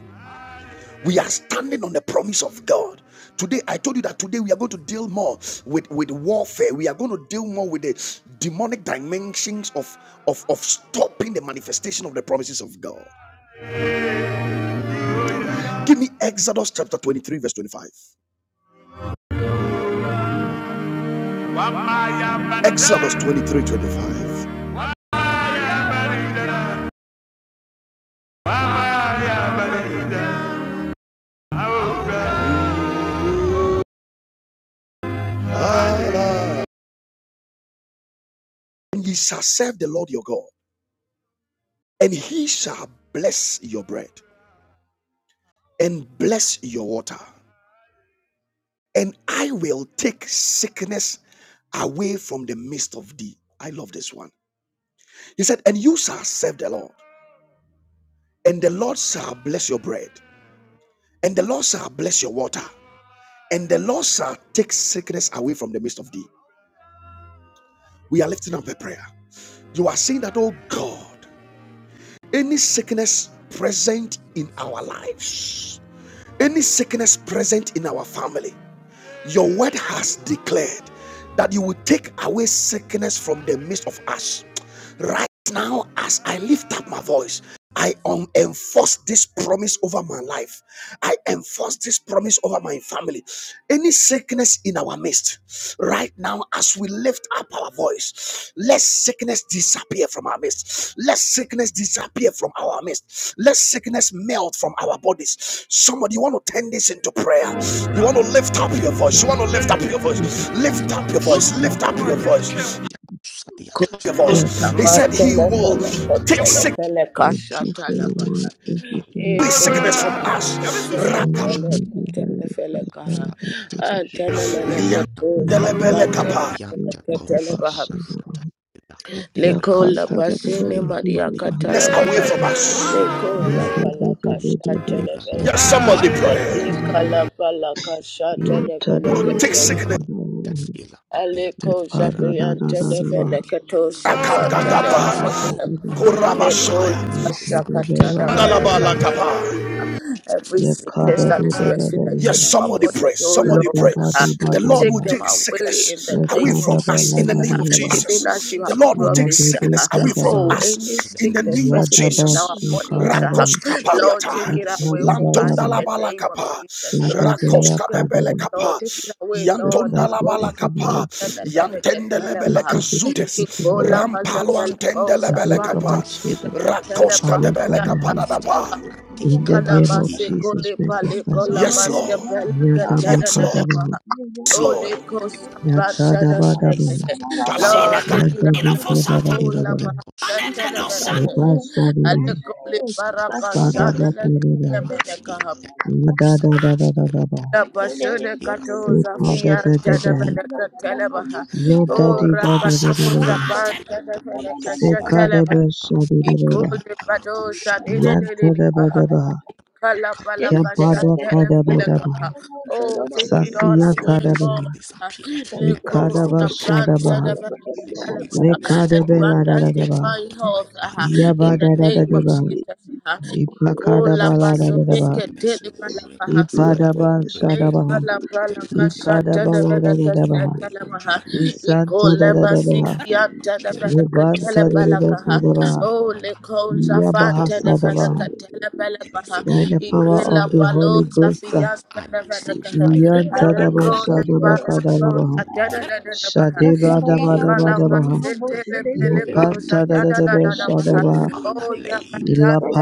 Speaker 1: We are standing on the promise of God. Today, I told you that today we are going to deal more with, with warfare. We are going to deal more with the demonic dimensions of, of, of stopping the manifestation of the promises of God. Give me Exodus chapter 23, verse 25. Exodus twenty three twenty five. And ye shall serve the Lord your God, and he shall bless your bread and bless your water. and I will take sickness away from the midst of thee. I love this one. He said, And you shall serve the Lord, and the Lord shall bless your bread, and the Lord shall bless your water, and the Lord shall take sickness away from the midst of thee. We are lifting up a prayer. You are saying that, oh God, any sickness present in our lives, any sickness present in our family, your word has declared that you will take away sickness from the midst of us. Right now, as I lift up my voice, I um, enforce this promise over my life. I enforce this promise over my family. Any sickness in our midst, right now, as we lift up our voice, let sickness disappear from our midst. Let sickness disappear from our midst. Let sickness melt from our bodies. Somebody, you want to turn this into prayer. You want to lift up your voice. You want to lift up your
Speaker 2: We
Speaker 1: voice.
Speaker 2: thank
Speaker 1: Lift
Speaker 3: Radipo
Speaker 1: up your voice.
Speaker 3: Shate,
Speaker 2: you
Speaker 1: Lift up
Speaker 2: for
Speaker 1: your
Speaker 3: Randika,
Speaker 1: voice
Speaker 3: Sadiata,
Speaker 1: your
Speaker 2: Your
Speaker 1: voice. He
Speaker 2: double
Speaker 3: Ikatina,
Speaker 1: said he
Speaker 2: strength,
Speaker 5: Matele
Speaker 1: will
Speaker 5: fele
Speaker 1: take
Speaker 3: Shakapa,
Speaker 5: fetele
Speaker 1: sick-
Speaker 5: fele
Speaker 2: O Lord. Thank
Speaker 5: kasha
Speaker 2: you for your
Speaker 3: Shakadiata,
Speaker 5: talabaha.
Speaker 2: word. Thank you
Speaker 3: Iko,
Speaker 2: for your
Speaker 5: Eko
Speaker 1: sickness
Speaker 5: la
Speaker 2: promise.
Speaker 1: from us.
Speaker 2: We
Speaker 5: fetele
Speaker 3: Ikakosha,
Speaker 5: fele
Speaker 2: will be
Speaker 5: fetele fele
Speaker 2: glorified by your
Speaker 5: kaha.
Speaker 2: name, we worship
Speaker 3: Ikakoskadiata,
Speaker 5: Antene mene
Speaker 2: you.
Speaker 5: ketu
Speaker 2: We will be
Speaker 5: shakla tele fele
Speaker 2: exalted,
Speaker 3: Irapadianta
Speaker 2: we
Speaker 5: ketele
Speaker 3: koshata
Speaker 5: baha.
Speaker 2: worship you.
Speaker 3: variata irakutia
Speaker 2: Your
Speaker 5: Leko la
Speaker 2: content
Speaker 3: brandiate
Speaker 2: and the
Speaker 5: pasini
Speaker 2: very fruit
Speaker 5: maria
Speaker 2: of the house
Speaker 3: irapadianta
Speaker 2: of
Speaker 1: away
Speaker 2: the
Speaker 5: katalabaha.
Speaker 3: kosha
Speaker 1: from
Speaker 2: Lord.
Speaker 1: us.
Speaker 5: Leko
Speaker 2: Your
Speaker 5: la pala
Speaker 2: beauty, the
Speaker 3: ipadiata
Speaker 2: beauty,
Speaker 5: kasha
Speaker 2: the
Speaker 5: tele
Speaker 3: irate
Speaker 5: fele
Speaker 1: Yes,
Speaker 2: shackle, the
Speaker 5: kehe.
Speaker 1: somebody
Speaker 3: koshata
Speaker 2: hope of
Speaker 1: pray.
Speaker 3: variata
Speaker 5: Ika
Speaker 2: you.
Speaker 5: la pala kasha
Speaker 2: Your
Speaker 5: tele
Speaker 2: turn,
Speaker 1: He
Speaker 5: fele
Speaker 1: will
Speaker 2: the
Speaker 1: take
Speaker 5: ketele.
Speaker 3: irate
Speaker 1: sickness.
Speaker 2: shackle, the
Speaker 3: koshata
Speaker 2: Lord.
Speaker 3: ilapadiata
Speaker 2: Your
Speaker 5: Aleko
Speaker 2: pardon,
Speaker 3: irate
Speaker 2: the
Speaker 5: zapian
Speaker 2: Lord, the
Speaker 5: tele
Speaker 3: pasita
Speaker 2: Lord.
Speaker 5: fele
Speaker 3: di
Speaker 5: ketu sapra
Speaker 2: Your
Speaker 5: tele
Speaker 3: parakuskadiata
Speaker 2: good,
Speaker 5: fele
Speaker 2: the good,
Speaker 3: Oh
Speaker 5: kehe.
Speaker 2: the
Speaker 3: Lord,
Speaker 2: good.
Speaker 3: let
Speaker 5: Leko
Speaker 3: sickness
Speaker 2: Your
Speaker 3: may
Speaker 2: hope, the
Speaker 3: disappear
Speaker 5: Shakata
Speaker 3: out
Speaker 2: Lord,
Speaker 3: of
Speaker 2: the
Speaker 5: Rabala
Speaker 3: our
Speaker 2: Lord.
Speaker 3: life, Jesus.
Speaker 5: Every
Speaker 2: Your card,
Speaker 5: sickness
Speaker 2: the
Speaker 5: that
Speaker 2: good,
Speaker 5: is
Speaker 2: the
Speaker 3: sickness,
Speaker 2: good, the
Speaker 3: let
Speaker 5: resident in
Speaker 1: Yes,
Speaker 2: good.
Speaker 5: our
Speaker 1: somebody pray.
Speaker 5: bodies, oh
Speaker 1: Somebody
Speaker 2: Sada,
Speaker 5: Lord,
Speaker 1: pray.
Speaker 5: ah,
Speaker 2: bada,
Speaker 3: destroy
Speaker 1: The
Speaker 2: bada,
Speaker 3: in the
Speaker 1: Lord
Speaker 5: take
Speaker 1: will
Speaker 2: bada.
Speaker 5: them
Speaker 1: take
Speaker 3: name of
Speaker 5: away
Speaker 3: Jesus.
Speaker 5: in the
Speaker 1: sickness
Speaker 3: And
Speaker 1: away
Speaker 5: name
Speaker 3: it
Speaker 5: of
Speaker 3: it
Speaker 2: Shakada,
Speaker 1: from
Speaker 2: bada,
Speaker 1: us in
Speaker 5: Jesus.
Speaker 1: the
Speaker 2: bada,
Speaker 1: name
Speaker 5: ah.
Speaker 3: disappear
Speaker 1: of
Speaker 3: in
Speaker 2: bada.
Speaker 3: the name
Speaker 5: Even
Speaker 3: of
Speaker 5: as
Speaker 1: Jesus.
Speaker 5: you
Speaker 1: The
Speaker 3: Jesus.
Speaker 5: have
Speaker 1: Lord
Speaker 3: And
Speaker 1: will
Speaker 3: Every
Speaker 1: take
Speaker 5: promised,
Speaker 2: Yadebe
Speaker 3: sickness
Speaker 1: sickness
Speaker 5: ah,
Speaker 1: away
Speaker 3: it
Speaker 1: from
Speaker 5: oh,
Speaker 2: Kadabaha,
Speaker 3: disappear
Speaker 5: any
Speaker 3: from
Speaker 1: us
Speaker 3: the
Speaker 1: in the
Speaker 3: lives
Speaker 5: sickness
Speaker 3: of
Speaker 1: name
Speaker 3: my
Speaker 1: of
Speaker 5: resident in
Speaker 3: family.
Speaker 5: our
Speaker 2: Yadabasha
Speaker 3: In
Speaker 1: Jesus.
Speaker 3: the name
Speaker 5: bodies,
Speaker 3: of
Speaker 5: ah,
Speaker 2: Kadabaha,
Speaker 1: Rakoska
Speaker 3: Jesus.
Speaker 5: Lord,
Speaker 1: paliata,
Speaker 3: It
Speaker 5: take it
Speaker 3: will
Speaker 5: away from us
Speaker 1: lantonda
Speaker 5: in
Speaker 1: la
Speaker 2: Ikadabadabaha,
Speaker 5: the name of
Speaker 1: balakapa,
Speaker 5: Jesus.
Speaker 3: shut
Speaker 5: ah.
Speaker 3: up.
Speaker 5: Take
Speaker 2: Sadabaya
Speaker 1: rakoska
Speaker 5: it away,
Speaker 1: de
Speaker 2: Kadabaha.
Speaker 5: Lord,
Speaker 1: belekapa.
Speaker 5: take it away, Lord.
Speaker 1: Yantonda
Speaker 2: Sickness
Speaker 1: la
Speaker 2: be
Speaker 5: Leko
Speaker 3: Yeah.
Speaker 2: taken away
Speaker 1: balakapa,
Speaker 2: from me.
Speaker 3: It
Speaker 5: Shakata
Speaker 3: will shut
Speaker 1: yantende
Speaker 3: up.
Speaker 5: Rabala
Speaker 1: lebeleka
Speaker 2: Diseases be
Speaker 1: zutes,
Speaker 2: taken away
Speaker 5: Ikola
Speaker 3: Yes.
Speaker 2: from me.
Speaker 1: rampalo
Speaker 5: mazafela
Speaker 1: antende
Speaker 2: Away from my
Speaker 1: lebelekapa,
Speaker 3: It will
Speaker 2: children.
Speaker 3: shut
Speaker 5: Katela
Speaker 3: up.
Speaker 1: rakoska de
Speaker 2: Away from
Speaker 5: pahaya
Speaker 2: my household.
Speaker 1: dadapa.
Speaker 2: In the
Speaker 3: Rapakosatabrantikada,
Speaker 5: ana
Speaker 2: name of Jesus
Speaker 5: masekole
Speaker 2: Christ of
Speaker 5: pale
Speaker 3: iratikosatabia,
Speaker 2: Nazareth.
Speaker 5: kola
Speaker 1: Yes,
Speaker 5: maske
Speaker 1: Lord.
Speaker 5: pele
Speaker 2: Yadaba
Speaker 5: katela
Speaker 1: Yes,
Speaker 4: Baba,
Speaker 5: nene
Speaker 1: Lord.
Speaker 2: Kadabaha.
Speaker 5: maha.
Speaker 1: Yes,
Speaker 5: Holy
Speaker 1: Lord.
Speaker 5: Ghost,
Speaker 3: iratikatikatiakosada,
Speaker 5: Brantana
Speaker 2: Yatadabadabaha.
Speaker 5: Venekehe.
Speaker 3: isatakudiate,
Speaker 5: Lord,
Speaker 1: Talabaraka.
Speaker 5: take it
Speaker 2: Yadabu
Speaker 5: away.
Speaker 3: irapataka,
Speaker 5: Ola
Speaker 2: Kadabadabaha.
Speaker 5: Mahatana
Speaker 3: iratekosa,
Speaker 5: Venekehe.
Speaker 2: Yabasa Sadabaha.
Speaker 5: Alekoli
Speaker 3: Sadapa,
Speaker 5: Baraka Shana
Speaker 2: Sadabakadabaha.
Speaker 3: Iratekatapa,
Speaker 5: Menekaha.
Speaker 3: Irtekusatia,
Speaker 2: Yadadadadadadabaha.
Speaker 3: Iratekadiate,
Speaker 5: Bashune
Speaker 2: ya
Speaker 5: katoza
Speaker 3: Iratekusatapa,
Speaker 5: fianta na meneka telebaha.
Speaker 3: Ikatapa,
Speaker 2: ya
Speaker 5: O
Speaker 2: dadi da da da da
Speaker 5: rakatoza
Speaker 2: da.
Speaker 3: Irakusadapa,
Speaker 5: panta na
Speaker 3: Irakadiate,
Speaker 5: meneka
Speaker 2: Seka
Speaker 5: shatelebaha.
Speaker 2: debe
Speaker 4: Yes,
Speaker 3: Iratepa,
Speaker 2: shadi bada
Speaker 5: Ikole padosha
Speaker 3: Ikataparakusadapa,
Speaker 5: nene nene nibaha. Ikala palaka
Speaker 3: Irakataparus,
Speaker 2: bada ka
Speaker 5: shatele
Speaker 2: debe
Speaker 3: Father,
Speaker 5: meneka.
Speaker 2: debe
Speaker 3: I
Speaker 2: ha.
Speaker 3: pray
Speaker 5: Oh,
Speaker 3: that
Speaker 5: take it all
Speaker 3: every
Speaker 2: Sasiya ka
Speaker 5: away,
Speaker 2: debe
Speaker 3: sickness be
Speaker 5: God.
Speaker 2: ha.
Speaker 3: disappear.
Speaker 4: Thank you,
Speaker 3: Let
Speaker 2: Ika
Speaker 3: every
Speaker 2: debe
Speaker 5: Lekosa
Speaker 4: Jesus.
Speaker 3: sickness be
Speaker 2: shadaba
Speaker 3: disappear.
Speaker 5: pranta
Speaker 2: ha.
Speaker 5: na meneka
Speaker 3: Let every
Speaker 5: telebaha.
Speaker 2: Leka
Speaker 3: sickness be
Speaker 5: And
Speaker 2: debe la
Speaker 5: grant
Speaker 2: da
Speaker 5: us
Speaker 2: da da
Speaker 3: disappear
Speaker 2: ba
Speaker 5: divine
Speaker 3: out of my
Speaker 5: health
Speaker 4: Thank
Speaker 5: aha,
Speaker 3: body.
Speaker 2: Ya
Speaker 5: in the
Speaker 2: bada
Speaker 4: you,
Speaker 2: da da
Speaker 5: name
Speaker 2: da
Speaker 5: of
Speaker 2: ba
Speaker 4: Jesus.
Speaker 5: Jesus. aha.
Speaker 2: Ipa ka
Speaker 5: Ikola
Speaker 2: daba
Speaker 3: Jesus.
Speaker 2: la da
Speaker 3: Any
Speaker 2: da da
Speaker 5: basone
Speaker 2: ba
Speaker 3: sickness
Speaker 5: ketele
Speaker 3: worrying
Speaker 5: palaka.
Speaker 3: ask
Speaker 2: ipa
Speaker 3: Father, we pray in
Speaker 5: Le
Speaker 3: the name
Speaker 5: pala
Speaker 3: of
Speaker 5: pala
Speaker 3: Jesus that may it be
Speaker 5: kashata na vena
Speaker 3: disappear
Speaker 2: Sikadebedebe.
Speaker 3: in the
Speaker 2: ba
Speaker 5: kashata
Speaker 3: name
Speaker 5: la
Speaker 3: of
Speaker 5: maha.
Speaker 3: Jesus.
Speaker 2: Sikadebeshadidadada. Yantodebedeba. Yabadakadabadaba. Sasiyatadaba. Ikadabashadaba. Lekadebeladadadaba.
Speaker 5: Iko
Speaker 2: Yabadadadadaba. Ipakadabaladadadaba.
Speaker 5: le
Speaker 3: Yeah,
Speaker 2: Ipadabashadaba. Ikadabaladadadaba.
Speaker 3: in the
Speaker 2: Isantadadadaba.
Speaker 3: name of
Speaker 5: na
Speaker 3: Jesus.
Speaker 5: vena
Speaker 3: The
Speaker 5: katele
Speaker 3: sickness
Speaker 5: pala
Speaker 3: that
Speaker 5: kaha.
Speaker 2: Yabantadadadadaba.
Speaker 3: worries my
Speaker 5: Oh le
Speaker 3: mother,
Speaker 5: konza
Speaker 3: sickness that
Speaker 5: fante na vena
Speaker 3: worries my
Speaker 2: Yabahasadabaha,
Speaker 5: katele pala
Speaker 3: any
Speaker 5: kaha.
Speaker 3: sickness
Speaker 2: by
Speaker 3: that
Speaker 2: the power
Speaker 5: Ike
Speaker 3: worries my
Speaker 5: la
Speaker 2: of the
Speaker 3: loved
Speaker 5: palo
Speaker 2: Holy
Speaker 3: ones,
Speaker 6: Sunday,
Speaker 3: my
Speaker 2: Ghost, uh,
Speaker 3: friends,
Speaker 5: zafianta
Speaker 3: I
Speaker 5: na vena
Speaker 3: myself,
Speaker 5: kaha.
Speaker 3: I
Speaker 4: Thank
Speaker 3: pray in the
Speaker 2: Yantadaba
Speaker 5: Aleko
Speaker 3: name of
Speaker 5: le para
Speaker 3: Jesus that,
Speaker 5: konza
Speaker 2: Shadabakadalabaha,
Speaker 3: oh Lord,
Speaker 5: tena na na
Speaker 3: that
Speaker 5: na
Speaker 3: it
Speaker 5: maha.
Speaker 3: may disappear
Speaker 5: Ika
Speaker 3: through
Speaker 5: la
Speaker 3: your word.
Speaker 2: Shadebadabadabadabaha,
Speaker 5: masete
Speaker 3: I
Speaker 5: le pele
Speaker 3: confirm your
Speaker 5: konza
Speaker 3: word
Speaker 5: tena
Speaker 3: into our
Speaker 5: na
Speaker 2: Yakantadadadaba
Speaker 5: na na
Speaker 3: lives,
Speaker 5: maha.
Speaker 3: that
Speaker 2: Shadabaha,
Speaker 3: Father,
Speaker 5: Oh ya
Speaker 3: lay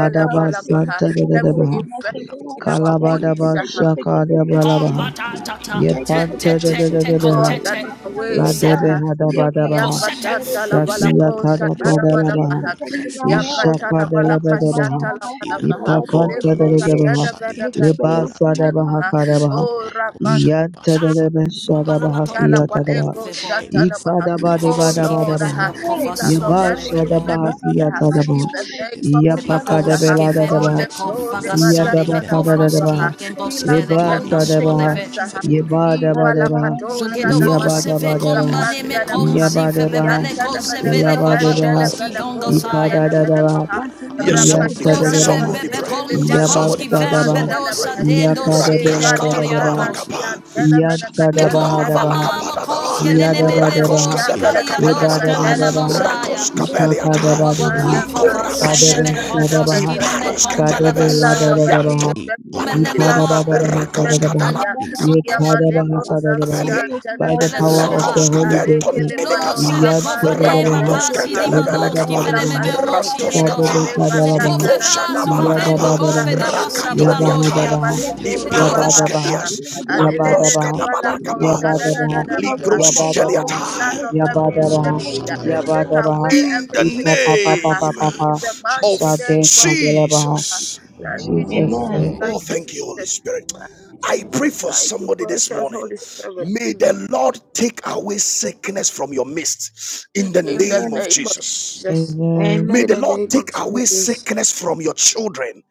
Speaker 4: you,
Speaker 5: la
Speaker 4: God,
Speaker 3: in
Speaker 4: for
Speaker 3: the
Speaker 5: vala
Speaker 3: name
Speaker 4: taking
Speaker 3: of
Speaker 5: kaha.
Speaker 3: Jesus.
Speaker 4: sickness away
Speaker 5: Every
Speaker 2: Santadadadabaha,
Speaker 4: from us, oh
Speaker 5: infirmity
Speaker 4: God.
Speaker 5: in
Speaker 3: Ikarakuska
Speaker 5: our
Speaker 4: Thank you
Speaker 3: dianta
Speaker 4: for
Speaker 5: bodies.
Speaker 2: Kalabadaba
Speaker 5: uh,
Speaker 4: taking sickness away from me,
Speaker 3: arakush
Speaker 4: oh
Speaker 2: Shakadabalabaha,
Speaker 3: bat
Speaker 4: God.
Speaker 1: Kopatata,
Speaker 4: Thank you
Speaker 1: te
Speaker 4: for
Speaker 1: te
Speaker 4: taking
Speaker 1: te
Speaker 3: itanakush
Speaker 1: te
Speaker 4: sickness
Speaker 2: Yepantadadadabaha,
Speaker 4: away
Speaker 5: God
Speaker 4: from
Speaker 1: kotete,
Speaker 5: that
Speaker 4: my
Speaker 5: is
Speaker 4: family, oh
Speaker 5: away.
Speaker 4: God.
Speaker 3: ibrakush
Speaker 4: We are covered
Speaker 2: Ladebehadabadabaha,
Speaker 4: by the
Speaker 1: zekosete,
Speaker 4: blood of
Speaker 5: Yakatanta la
Speaker 4: Jesus.
Speaker 1: zesa
Speaker 5: balako
Speaker 3: Iparagadas,
Speaker 4: Yeah,
Speaker 5: shatana
Speaker 4: but he
Speaker 2: Safiyatadakadalabaha,
Speaker 4: ain't
Speaker 5: manakaha.
Speaker 4: protecting
Speaker 3: Irapatiates,
Speaker 4: our health.
Speaker 3: Irate
Speaker 5: Yakatana
Speaker 4: That's why
Speaker 5: balaka
Speaker 4: my
Speaker 2: Ishakadelebedebeha.
Speaker 4: mama,
Speaker 5: shatala
Speaker 4: my
Speaker 3: Kablakoscates,
Speaker 4: husband,
Speaker 5: manakaha.
Speaker 4: that
Speaker 3: Irapati
Speaker 4: boy,
Speaker 5: Leko
Speaker 4: yeah.
Speaker 2: Ipakantadelebedebeha.
Speaker 5: shatana
Speaker 4: If
Speaker 5: venaka.
Speaker 4: you
Speaker 3: Karaskosaliates,
Speaker 4: bail
Speaker 3: Irate
Speaker 4: someone, yeah.
Speaker 2: Lebasadabahakadabaha.
Speaker 5: Oh,
Speaker 3: Arakoshanabas, Father, from our
Speaker 1: balabato
Speaker 3: head to our
Speaker 2: Yantadelebesadabahasiyatadabaha.
Speaker 3: door,
Speaker 5: Dalapaleko
Speaker 1: febo,
Speaker 3: every
Speaker 5: shatanamaha.
Speaker 3: sickness,
Speaker 5: Oh
Speaker 3: it
Speaker 1: koski
Speaker 5: Lord,
Speaker 3: is
Speaker 2: Ikadabadebadabadabaha.
Speaker 5: aha,
Speaker 1: fevelo
Speaker 3: somewhere,
Speaker 1: kova
Speaker 5: heal
Speaker 3: we
Speaker 5: us of
Speaker 1: sonde
Speaker 5: every
Speaker 3: disappear
Speaker 1: levebo.
Speaker 3: in the
Speaker 5: infirmity
Speaker 3: name
Speaker 5: aha,
Speaker 3: of
Speaker 2: Yabashadabahasiyatadabaha.
Speaker 5: in the
Speaker 3: Jesus. We
Speaker 5: name of
Speaker 3: disappear in
Speaker 5: Jesus.
Speaker 3: the
Speaker 1: Bagos
Speaker 5: aha.
Speaker 3: name of
Speaker 5: Oh
Speaker 1: givem
Speaker 2: Yapakadebeladadabaha.
Speaker 3: Jesus. We
Speaker 5: Leko de
Speaker 1: bekova
Speaker 5: Maria
Speaker 3: disappear
Speaker 1: sande
Speaker 3: in the
Speaker 5: Tana
Speaker 3: name
Speaker 1: mekovroski
Speaker 2: Yadabakadadabaha.
Speaker 6: Thank
Speaker 5: Manakaha,
Speaker 6: you.
Speaker 3: Jesus. We
Speaker 5: heal
Speaker 1: gengoske
Speaker 5: us of
Speaker 6: Thank
Speaker 3: disappear
Speaker 6: you.
Speaker 1: lekonda
Speaker 5: every
Speaker 3: in the name
Speaker 2: Lebasadabaha.
Speaker 1: soleve.
Speaker 3: of
Speaker 5: sickness. aha.
Speaker 3: Jesus.
Speaker 2: Yabadabadebaha.
Speaker 5: Ipalakato
Speaker 3: Shada,
Speaker 1: Zogedovo
Speaker 3: Ilaku
Speaker 1: seve
Speaker 5: shanamaneko
Speaker 3: Yata,
Speaker 2: Yabadabadebaha.
Speaker 1: kombane
Speaker 3: Ilaka
Speaker 5: zaprandelemaha.
Speaker 1: mekonzi
Speaker 3: Labrante,
Speaker 2: Yabadabaha.
Speaker 1: febebele
Speaker 3: Irate
Speaker 5: Iantanamaneka
Speaker 1: kozevele
Speaker 3: Kushada,
Speaker 2: Ilabadebaha.
Speaker 1: vavaduski
Speaker 5: tendelebeleko
Speaker 3: Intabaku
Speaker 1: gongosaya.
Speaker 3: Yata,
Speaker 2: Ipadadabaha.
Speaker 5: shatanamenekaha.
Speaker 1: Yes,
Speaker 3: Irapadiate,
Speaker 5: Rakatana
Speaker 2: Yantadadaba,
Speaker 1: somebody pray. Somebody Kozebebebe pray.
Speaker 5: namaseke
Speaker 3: Ikaraskatu
Speaker 5: lepalo
Speaker 1: Somebody kondekoski pray. Somebody
Speaker 3: Sadiate,
Speaker 4: Thank you.
Speaker 2: Yabasadabaha,
Speaker 1: vembedosa pray.
Speaker 5: skapantelemehe.
Speaker 3: Ikarate
Speaker 1: dendoski Rakas
Speaker 2: Yakadabela
Speaker 5: Ekale
Speaker 3: Yata.
Speaker 1: katalabala
Speaker 2: Dadaba,
Speaker 1: dekoriatos.
Speaker 5: parasia
Speaker 1: kapa.
Speaker 5: tenemene
Speaker 1: Tonda
Speaker 3: Shafi
Speaker 1: Mekon labala
Speaker 5: katendele
Speaker 1: vamamo
Speaker 2: Yantadabahadabaha,
Speaker 5: baha.
Speaker 1: kapada daba.
Speaker 5: O
Speaker 3: Kapas
Speaker 1: koske Rakos
Speaker 5: Ole
Speaker 3: Ilakana
Speaker 5: koza
Speaker 1: nenemelevos
Speaker 2: Yadabadabaha,
Speaker 5: fia
Speaker 1: kadebele kapada
Speaker 4: Father,
Speaker 5: tenemene
Speaker 3: Ilakana
Speaker 1: kaliadoske daba.
Speaker 2: Libadabadabaha,
Speaker 5: baha.
Speaker 1: menonosaya.
Speaker 3: Ilakana
Speaker 1: Rakos kabeliata.
Speaker 3: Ilako
Speaker 1: Liko
Speaker 5: Healers
Speaker 2: Ipakadabadebaha,
Speaker 3: Ebrante
Speaker 2: Sadebe
Speaker 1: Robobokovaseneme rabashete.
Speaker 3: Kosakante
Speaker 1: kovroskine
Speaker 2: Shadabaha,
Speaker 3: Diaka
Speaker 1: Iparos ketelebe.
Speaker 3: Irati
Speaker 2: Kadabela
Speaker 1: nekombalabasa.
Speaker 5: of every
Speaker 3: Sadiaka
Speaker 1: Yanto
Speaker 2: Dadabaha,
Speaker 1: balakaba.
Speaker 3: Ikola
Speaker 5: infirmity, healers
Speaker 1: Menememo
Speaker 3: Padia
Speaker 5: of every
Speaker 2: Ipadabadabaha
Speaker 1: Rakos ani
Speaker 5: infirmity,
Speaker 3: Irate
Speaker 2: Sadadabaha,
Speaker 5: yeah.
Speaker 1: katalabala soneme
Speaker 3: Ilakata
Speaker 2: Yekadabaha
Speaker 5: Yamadeko
Speaker 1: kabelia.
Speaker 2: Sadadabaha,
Speaker 5: Zafian
Speaker 3: Irata
Speaker 2: by the power
Speaker 5: Tenemenekahe,
Speaker 3: Ikatapa
Speaker 2: of the
Speaker 1: Lekos
Speaker 4: my
Speaker 2: Holy
Speaker 4: hand to
Speaker 2: Ghost,
Speaker 1: kaventon
Speaker 3: Ikatapa
Speaker 4: the
Speaker 5: Alekele
Speaker 4: soles of our
Speaker 1: elekapa.
Speaker 5: Palos
Speaker 4: feet.
Speaker 3: Ikatapa
Speaker 5: Kapan
Speaker 4: We are
Speaker 2: Yantadadabaha,
Speaker 1: Rapados
Speaker 3: Ikatapa
Speaker 4: healed. We
Speaker 5: Tenevenekaha,
Speaker 4: are
Speaker 1: ketelebele
Speaker 4: healed.
Speaker 3: Ikatapa
Speaker 1: kapa.
Speaker 4: From the
Speaker 2: Libadabadabaha,
Speaker 3: Irate
Speaker 4: crown of
Speaker 5: Ulakason
Speaker 4: our
Speaker 1: Rantos
Speaker 3: Kosada
Speaker 4: heads to the
Speaker 1: kapa.
Speaker 2: Sadebe
Speaker 5: Telefele
Speaker 4: soles
Speaker 3: Padiate
Speaker 4: of our
Speaker 2: Kadabaha,
Speaker 4: feet.
Speaker 5: Kaliata
Speaker 3: Irate
Speaker 4: We are
Speaker 3: Padia
Speaker 5: Nanamaha,
Speaker 1: Ikosalabalakapa.
Speaker 4: healed. We
Speaker 3: Irate
Speaker 4: are
Speaker 2: Yabba-dabba-dabba,
Speaker 3: Kosada
Speaker 4: healed.
Speaker 5: Rakatula
Speaker 4: From the crown
Speaker 1: Rakatoniata.
Speaker 5: Paskuni
Speaker 4: of
Speaker 2: yabba-dabba,
Speaker 4: our
Speaker 3: Irapadia
Speaker 4: heads to
Speaker 5: Faliko
Speaker 4: the soles of
Speaker 1: Iparos
Speaker 2: yabba-dabba,
Speaker 4: our feet.
Speaker 5: Rabahasaha,
Speaker 4: We
Speaker 3: Irakoshaka
Speaker 1: kedias.
Speaker 4: are healed.
Speaker 1: Lampros
Speaker 5: Alelele
Speaker 2: yabba-dabba,
Speaker 4: We
Speaker 3: Irapadi
Speaker 5: Palako
Speaker 1: kadabalakapa.
Speaker 3: Kosadabas,
Speaker 2: yabba-dabba,
Speaker 3: Irate
Speaker 5: Shananamaha,
Speaker 1: Ligros
Speaker 5: Oh,
Speaker 2: yabba-dabba,
Speaker 1: suteliata.
Speaker 3: Kosadabas,
Speaker 5: healers of every
Speaker 6: Pray
Speaker 3: Ikaras
Speaker 2: yabba-dabba,
Speaker 6: Today,
Speaker 5: infirmity,
Speaker 3: Kosadabas,
Speaker 4: are
Speaker 5: Take
Speaker 4: healed.
Speaker 2: yabba-dabba,
Speaker 5: away
Speaker 3: Irate
Speaker 1: In
Speaker 5: every
Speaker 1: the
Speaker 3: Abiyat,
Speaker 5: sickness
Speaker 3: in the
Speaker 5: uh,
Speaker 1: name
Speaker 3: name
Speaker 2: ipa-pa-pa-pa-pa-pa-pa,
Speaker 5: in the
Speaker 3: of
Speaker 5: mighty
Speaker 1: of
Speaker 3: Jesus.
Speaker 5: name of
Speaker 2: sade-kadele-baha.
Speaker 5: Jesus. uh.
Speaker 1: Jesus.
Speaker 2: In
Speaker 5: Thank you,
Speaker 2: Jesus'
Speaker 5: Jesus.
Speaker 2: name,
Speaker 3: Eh,
Speaker 4: Amen.
Speaker 5: Thank
Speaker 1: Oh,
Speaker 5: you,
Speaker 1: thank you, Holy
Speaker 5: Jesus.
Speaker 1: Spirit.
Speaker 5: Thank you,
Speaker 1: I pray
Speaker 5: Jesus.
Speaker 1: for
Speaker 5: Thank you,
Speaker 1: somebody this
Speaker 5: precious
Speaker 1: morning.
Speaker 5: Holy Spirit.
Speaker 1: May the Lord take away sickness from your midst in the
Speaker 5: In the
Speaker 1: name
Speaker 4: Amen.
Speaker 1: of
Speaker 5: name of
Speaker 1: Jesus.
Speaker 5: Jesus.
Speaker 2: amen,
Speaker 1: May
Speaker 5: In
Speaker 4: Amen.
Speaker 1: the
Speaker 5: the
Speaker 1: Lord
Speaker 5: name of
Speaker 1: take away
Speaker 5: Jesus.
Speaker 1: sickness from your children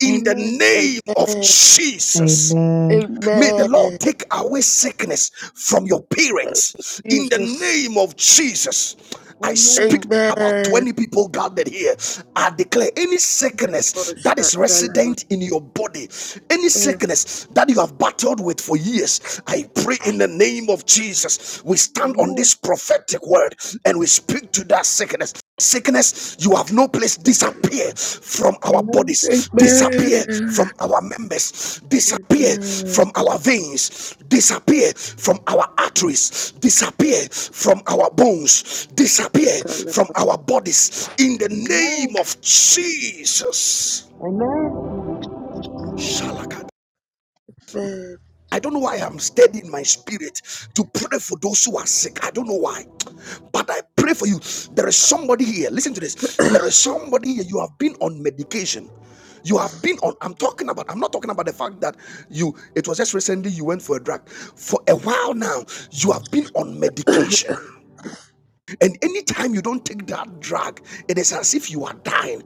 Speaker 1: in the
Speaker 4: Amen.
Speaker 1: name of
Speaker 5: Amen.
Speaker 1: Jesus.
Speaker 2: amen,
Speaker 1: May the
Speaker 5: Amen.
Speaker 1: Lord
Speaker 5: Thank
Speaker 1: take away sickness from your parents
Speaker 5: you,
Speaker 1: in the
Speaker 5: Jesus.
Speaker 1: name of Jesus. I
Speaker 4: Amen.
Speaker 1: speak about
Speaker 5: Amen.
Speaker 1: 20 people gathered here. I declare any
Speaker 5: Oh,
Speaker 1: sickness that is resident in your body, any
Speaker 5: Oh,
Speaker 1: sickness that you have battled with for years, I pray in the name of Jesus. We stand on
Speaker 4: Amen.
Speaker 1: this prophetic word and we speak to that sickness. Sickness, you have no place. Disappear from our
Speaker 4: Amen.
Speaker 1: bodies, disappear
Speaker 5: Amen.
Speaker 1: from our members, disappear
Speaker 5: Amen.
Speaker 1: from our veins, disappear from our arteries, disappear from our bones, disappear from our bodies in the name
Speaker 4: Amen.
Speaker 1: of Jesus.
Speaker 4: Amen.
Speaker 1: Shalaka. I don't know why I'm steady in my spirit to pray for those who are sick. I don't know why. But I pray for you. There is somebody here. Listen to this. There is somebody here. You have been on medication. You have been on. I'm talking about. I'm not talking about the fact that you. It was just recently you went for a drug. For a while now, you have been on medication. And anytime you don't take that drug, it is as if you are dying.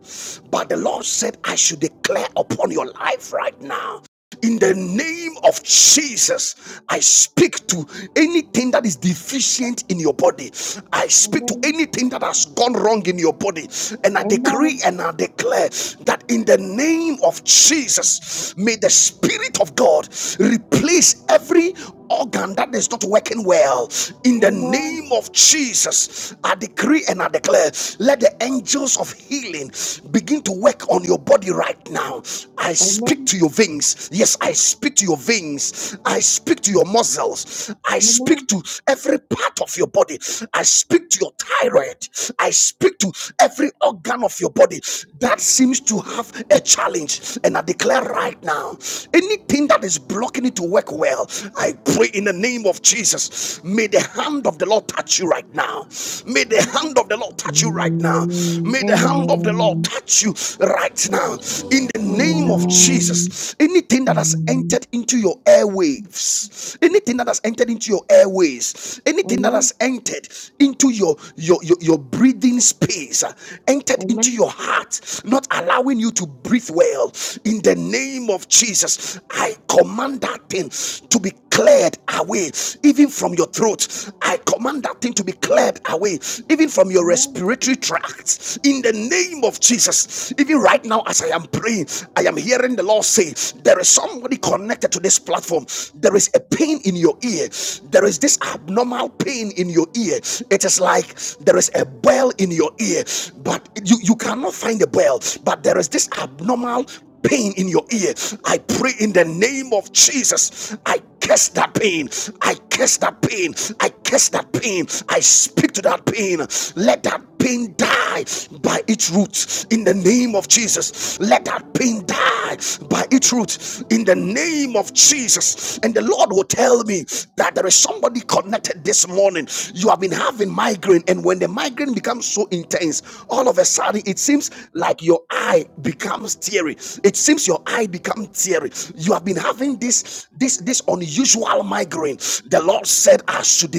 Speaker 1: But the Lord said, I should declare upon your life right now. In the name of Jesus, I speak to anything that is deficient in your body. I speak to
Speaker 4: Amen.
Speaker 1: anything that has gone wrong in your body. And I decree
Speaker 4: Amen.
Speaker 1: and I declare that in the name of Jesus, may the Spirit of God replace every organ that is not working well in the name of jesus i decree and i declare let the angels of healing begin to work on your body right now i speak
Speaker 4: Amen.
Speaker 1: to your veins yes i speak to your veins i speak to your muscles i
Speaker 4: Amen.
Speaker 1: speak
Speaker 4: Amen.
Speaker 1: to every part of your body i speak to your thyroid i speak to every organ of your body that seems to have a challenge and i declare declare right now anything that is blocking it to work well, I pray in the name of Jesus, may the hand of the Lord touch you right now. May the
Speaker 4: Amen.
Speaker 1: hand of the Lord touch you right now.
Speaker 2: amen,
Speaker 1: May the hand of the Lord
Speaker 2: amen,
Speaker 1: touch you right now. In the name
Speaker 4: Amen.
Speaker 1: of
Speaker 2: amen,
Speaker 1: Jesus, anything that has
Speaker 2: amen,
Speaker 1: entered into your airwaves, anything that has entered into your airways,
Speaker 4: Amen.
Speaker 1: anything that
Speaker 4: Amen.
Speaker 1: has entered into your your your, your breathing space, uh, entered into
Speaker 4: Amen.
Speaker 1: your heart, not allowing you to breathe well. In the name of Jesus, I command that thing to be cleared away, even from your throat. I command that thing to be cleared away, even from your
Speaker 4: Amen.
Speaker 1: respiratory tract. In the name of Jesus, even right now, as I am praying, I am hearing the Lord say, There is somebody connected to this platform. There is a pain in your ear. There is this abnormal pain in in your ear. It is like there is a bell in your ear, but you, you cannot find the bell, but there is this abnormal pain in your ear. I pray in the name of Jesus. I curse that pain. I curse that pain. I curse that pain. I speak to that pain. Let that pain die by its roots in the name of Jesus. Let that pain die by its roots in the name of Jesus voice, and the Lord will tell me that there is somebody connected this morning. You have been having migraine, and when the migraine becomes so intense, all of a sudden it seems like your eye becomes teary. It seems your eye becomes teary. You have been having this this this unusual migraine. The Lord said, I should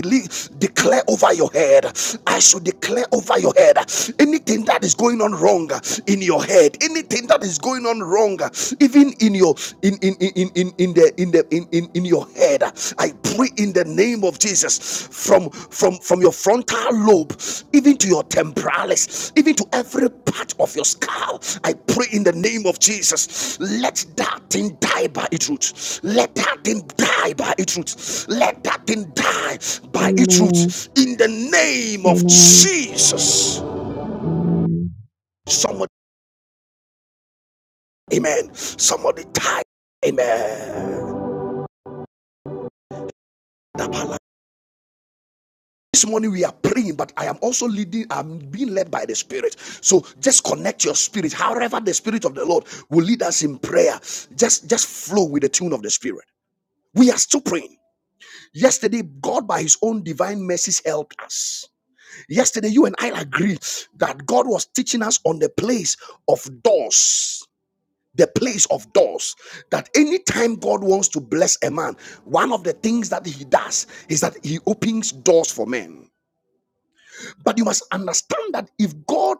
Speaker 1: declare over your head. I should declare over your head anything that is going on wrong in your head, anything that is going going on wrong uh, even in your in in in in in in the in the in, in in your head i pray in the name of jesus from from from your frontal lobe even to your temporalis even to every part of your skull i pray in the name of jesus let that thing die by its roots let that thing die by its roots let that thing die by its
Speaker 2: amen,
Speaker 1: roots in the name of
Speaker 2: amen,
Speaker 1: jesus
Speaker 2: amen.
Speaker 1: somebody amen somebody die amen This morning we are praying, but I am also leading, I'm being led by the Spirit. So just connect your spirit. However, the Spirit of the Lord will lead us in prayer. Just, just flow with the tune of the Spirit. We are still praying. Yesterday, God, by His own divine mercies, helped us. Yesterday, you and I agreed that God was teaching us on the place of doors. The place of doors. That anytime God wants to bless a man, one of the things that He does is that He opens doors for men. But you must understand that if God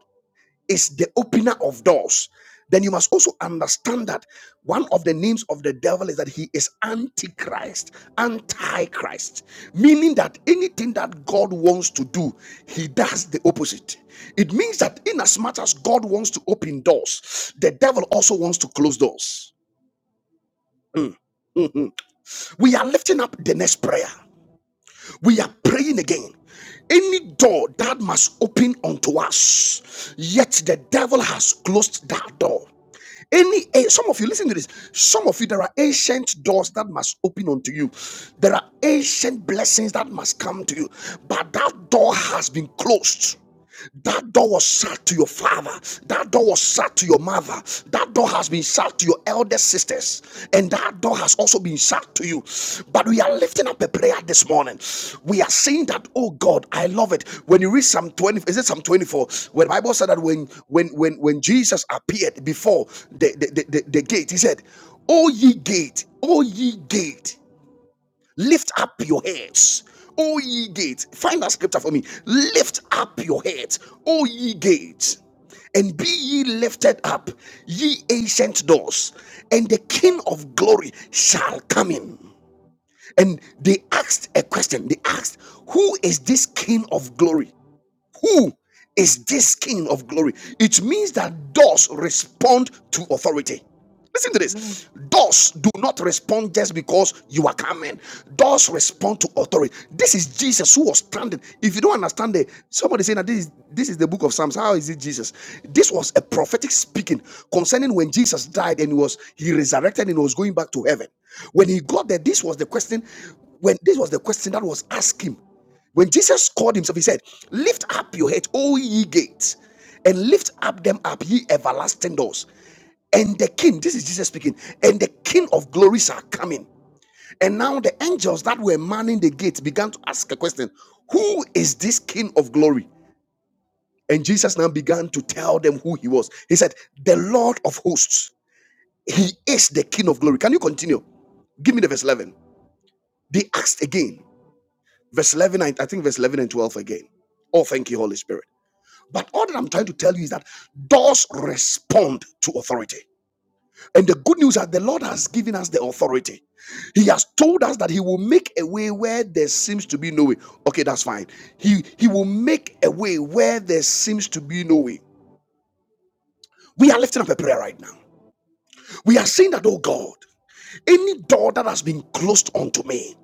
Speaker 1: is the opener of doors, then you must also understand that one of the names of the devil is that he is antichrist, antichrist, meaning that anything that God wants to do, he does the opposite. It means that in as much as God wants to open doors, the devil also wants to close doors. We are lifting up the next prayer. We are praying again. Any door that must open unto us, yet the devil has closed that door. Any eh, some of you listen to this. Some of you there are ancient doors that must open unto you. There are ancient blessings that must come to you, but that door has been closed. That door was shut to your father. That door was shut to your mother. That door has been shut to your elder sisters. And that door has also been shut to you. But we are lifting up a prayer this morning. We are saying that, oh God, I love it. When you read Psalm 20, is it Psalm 24? Where the Bible said that when when when when Jesus appeared before the, the, the, the the gate, he said, "O ye gate, O ye gate. Lift up your heads, O ye gates. Find that scripture for me. Lift up your heads, O ye gates, and be ye lifted up, ye ancient doors, and the King of glory shall come in. And they asked a question. They asked, Who is this King of glory? Who is this King of glory? It means that doors respond to authority. Listen to
Speaker 4: Amen.
Speaker 1: this. Doors do not respond just because you are coming. Doors respond to authority. This is Jesus who was standing. If you don't understand the somebody saying that this is this is the book of Psalms. How is it Jesus? This was a prophetic speaking concerning when Jesus died and he was he resurrected and he was going back to heaven. When he got there, this was the question. When this was the question that was asked him. When Jesus called himself, he said, Lift up your head, O ye gates, and lift up them up, ye everlasting doors. And the king, this is Jesus speaking, and the king of glories are coming. And now the angels that were manning the gate began to ask a question Who is this king of glory? And Jesus now began to tell them who he was. He said, The Lord of hosts, he is the king of glory. Can you continue? Give me the verse 11. They asked again, verse 11, I I think verse 11 and 12 again. Oh, thank you, Holy Spirit. But all that I'm trying to tell you is that doors respond to authority. And the good news that the Lord has given us the authority. He has told us that He will make a way where there seems to be no way. Okay, that's fine. He He will make a way where there seems to be no way. We are lifting up a prayer right now. We are saying that, oh God, any door that has been closed unto me.